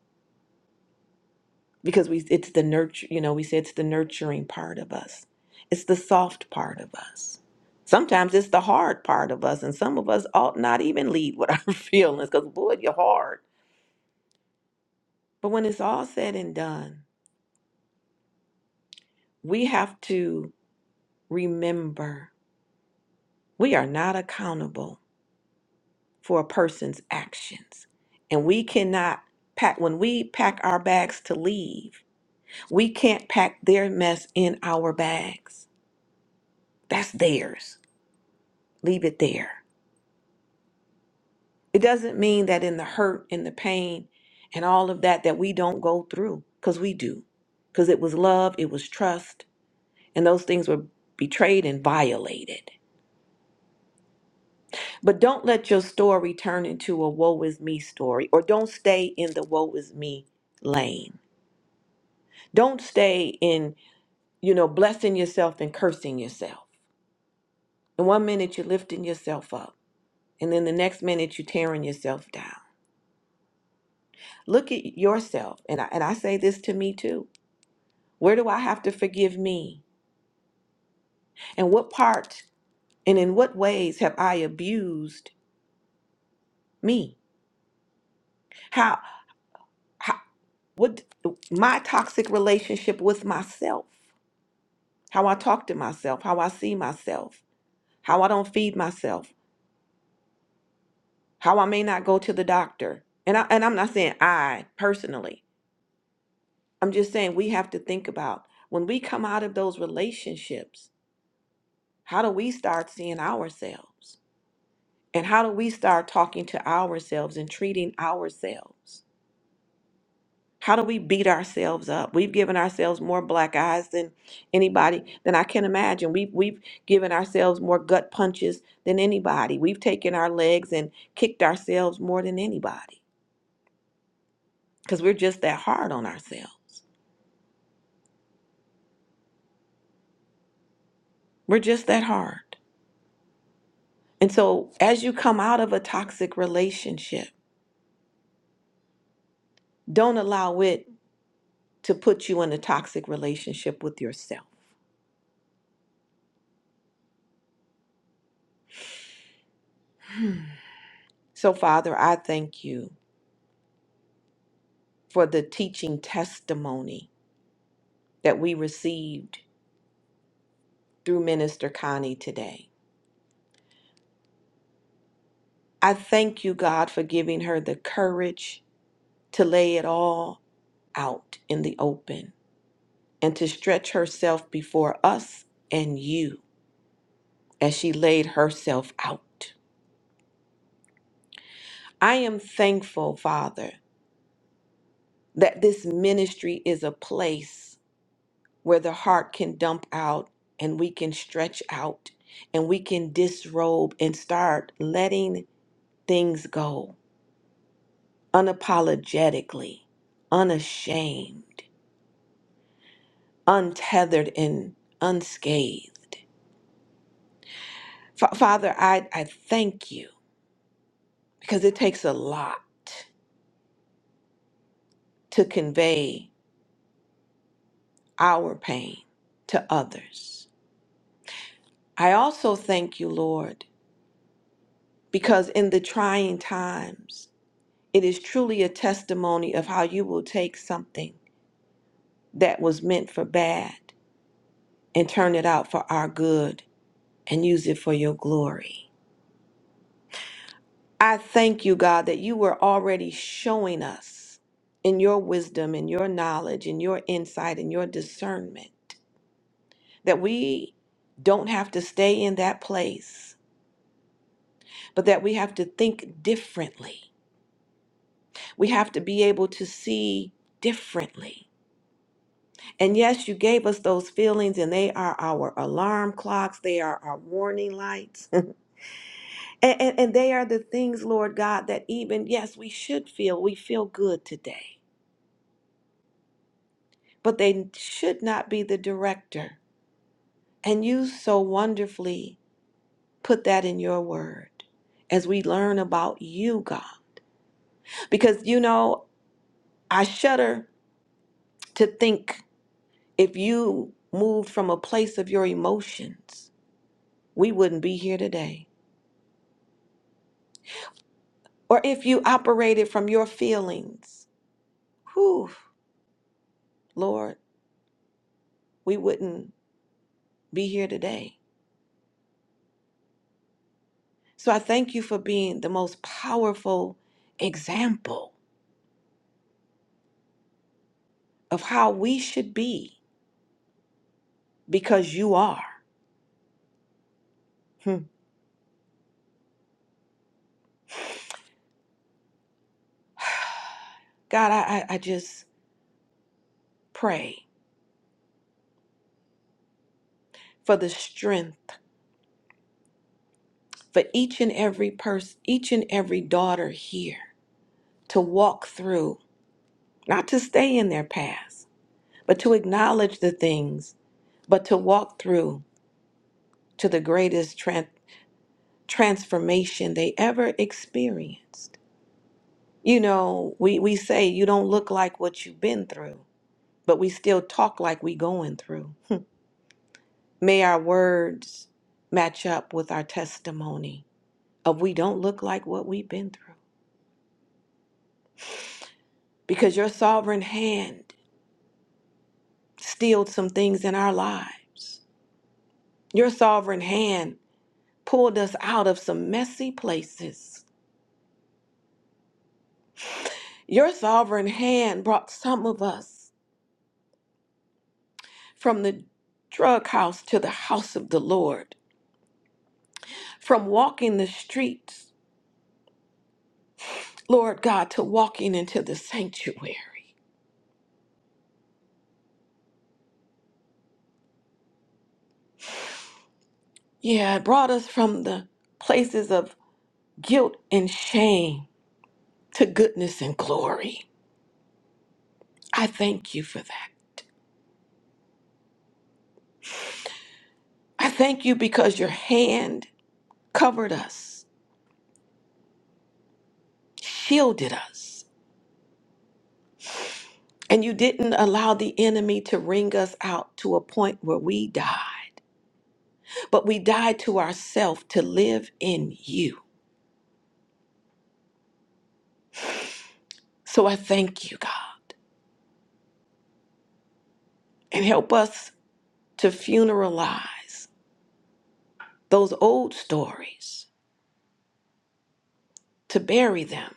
A: because we it's the nurture, you know, we say it's the nurturing part of us. It's the soft part of us. Sometimes it's the hard part of us, and some of us ought not even lead with *laughs* our feelings because, boy, you're hard. But when it's all said and done, we have to remember we are not accountable for a person's actions. And we cannot pack, when we pack our bags to leave, we can't pack their mess in our bags. That's theirs. Leave it there. It doesn't mean that in the hurt and the pain and all of that, that we don't go through, because we do. Because it was love, it was trust, and those things were betrayed and violated. But don't let your story turn into a woe is me story, or don't stay in the woe is me lane. Don't stay in, you know, blessing yourself and cursing yourself. And one minute you're lifting yourself up, and then the next minute you're tearing yourself down. Look at yourself, and I, and I say this to me too. Where do I have to forgive me? And what part and in what ways have I abused me? How, how what my toxic relationship with myself? how I talk to myself, how I see myself, how I don't feed myself, how I may not go to the doctor. And I and I'm not saying I personally. I'm just saying we have to think about when we come out of those relationships, how do we start seeing ourselves? And how do we start talking to ourselves and treating ourselves? How do we beat ourselves up? We've given ourselves more black eyes than anybody than I can imagine. We've we've given ourselves more gut punches than anybody. We've taken our legs and kicked ourselves more than anybody because we're just that hard on ourselves. We're just that hard. And so as you come out of a toxic relationship, don't allow it to put you in a toxic relationship with yourself. So Father, I thank you for the teaching testimony that we received through Minister Connie today. I thank you, God, for giving her the courage to lay it all out in the open and to stretch herself before us and you as she laid herself out. I am thankful, Father, that this ministry is a place where the heart can dump out and we can stretch out and we can disrobe and start letting things go unapologetically, unashamed, untethered, and unscathed. Fa- Father, I, I thank you because it takes a lot to convey our pain to others. I also thank you, Lord, because in the trying times, it is truly a testimony of how you will take something that was meant for bad and turn it out for our good and use it for your glory. I thank you, God, that you were already showing us in your wisdom, in your knowledge, in your insight, in your discernment, that we don't have to stay in that place, but that we have to think differently. We have to be able to see differently. And yes, you gave us those feelings, and they are our alarm clocks, they are our warning lights. *laughs* and, and, and they are the things, Lord God, that even, yes, we should feel. We feel good today. but they should not be the director. And you so wonderfully put that in your word as we learn about you, God. Because, you know, I shudder to think if you moved from a place of your emotions, we wouldn't be here today. Or if you operated from your feelings, whew, Lord, we wouldn't be here today. So I thank you for being the most powerful example of how we should be because you are. Hmm. God, I, I, I just pray for the strength for each and every person, each and every daughter here to walk through, not to stay in their past, but to acknowledge the things, but to walk through to the greatest tran- transformation they ever experienced. You know, we, we say you don't look like what you've been through, but we still talk like we going through. May our words match up with our testimony of we don't look like what we've been through because your sovereign hand steeled some things in our lives. Your sovereign hand pulled us out of some messy places. Your sovereign hand brought some of us from the drug house to the house of the Lord, from walking the streets, Lord God, to walking into the sanctuary. Yeah, it brought us from the places of guilt and shame to goodness and glory. I thank you for that. I thank you because your hand covered us, shielded us, and you didn't allow the enemy to wring us out to a point where we die, but we died to ourselves to live in you. So I thank you, God, and help us to funeralize those old stories, to bury them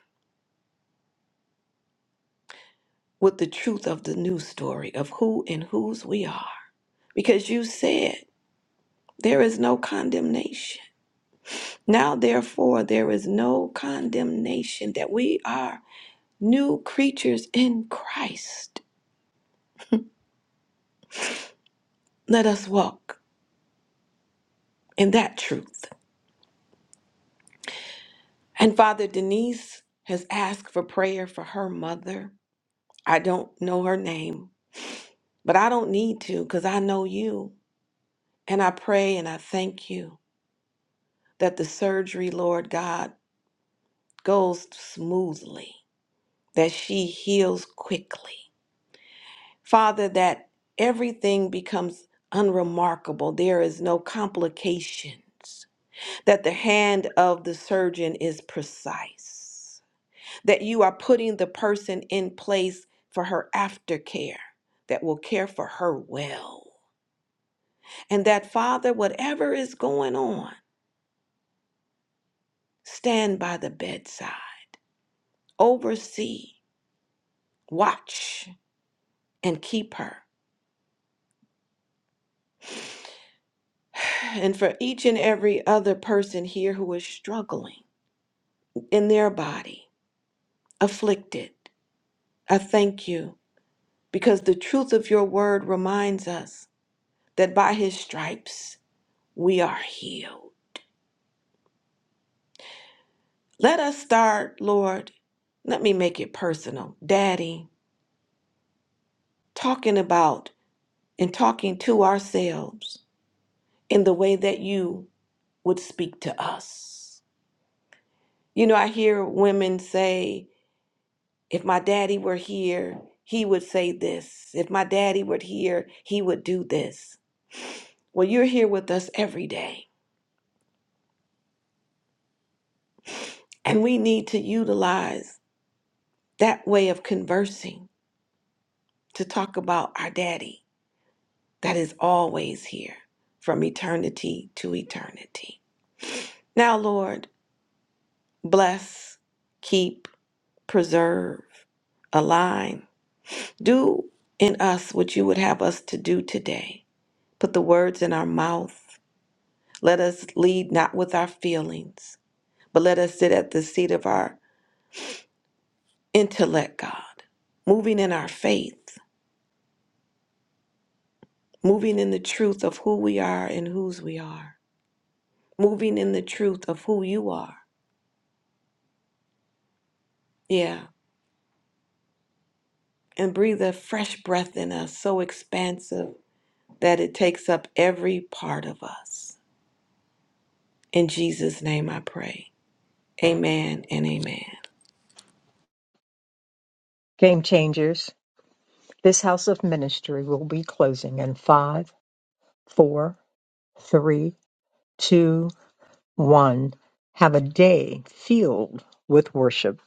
A: with the truth of the new story of who and whose we are because you said, There is no condemnation. Now, therefore, there is no condemnation that we are new creatures in Christ. Let us walk in that truth. And Father Denise has asked for prayer for her mother. I don't know her name, but I don't need to because I know you. And I pray and I thank you that the surgery, Lord God, goes smoothly, that she heals quickly Father, that everything becomes unremarkable. There is no complications. That the hand of the surgeon is precise. That you are putting the person in place for her aftercare that will care for her well. And that, Father, whatever is going on, stand by the bedside, oversee, watch, and keep her. And for each and every other person here who is struggling in their body, afflicted. I thank you because the truth of your word reminds us that by his stripes we are healed. Let us start, Lord, let me make it personal. Daddy, talking about and talking to ourselves in the way that you would speak to us. You know, I hear women say, If my daddy were here, he would say this. If my daddy were here, he would do this. Well, you're here with us every day, and we need to utilize that way of conversing to talk about our daddy that is always here from eternity to eternity. Now, Lord, bless, keep, preserve, align. Do in us what you would have us to do today. Put the words in our mouth Let us lead not with our feelings, but let us sit at the seat of our intellect, God, moving in our faith, moving in the truth of who we are and whose we are, moving in the truth of who you are. Yeah. And breathe a fresh breath in us, so expansive that it takes up every part of us. In Jesus' name I pray. Amen and amen.
D: Game changers. This house of ministry will be closing in five, four, three, two, one. Have a day filled with worship.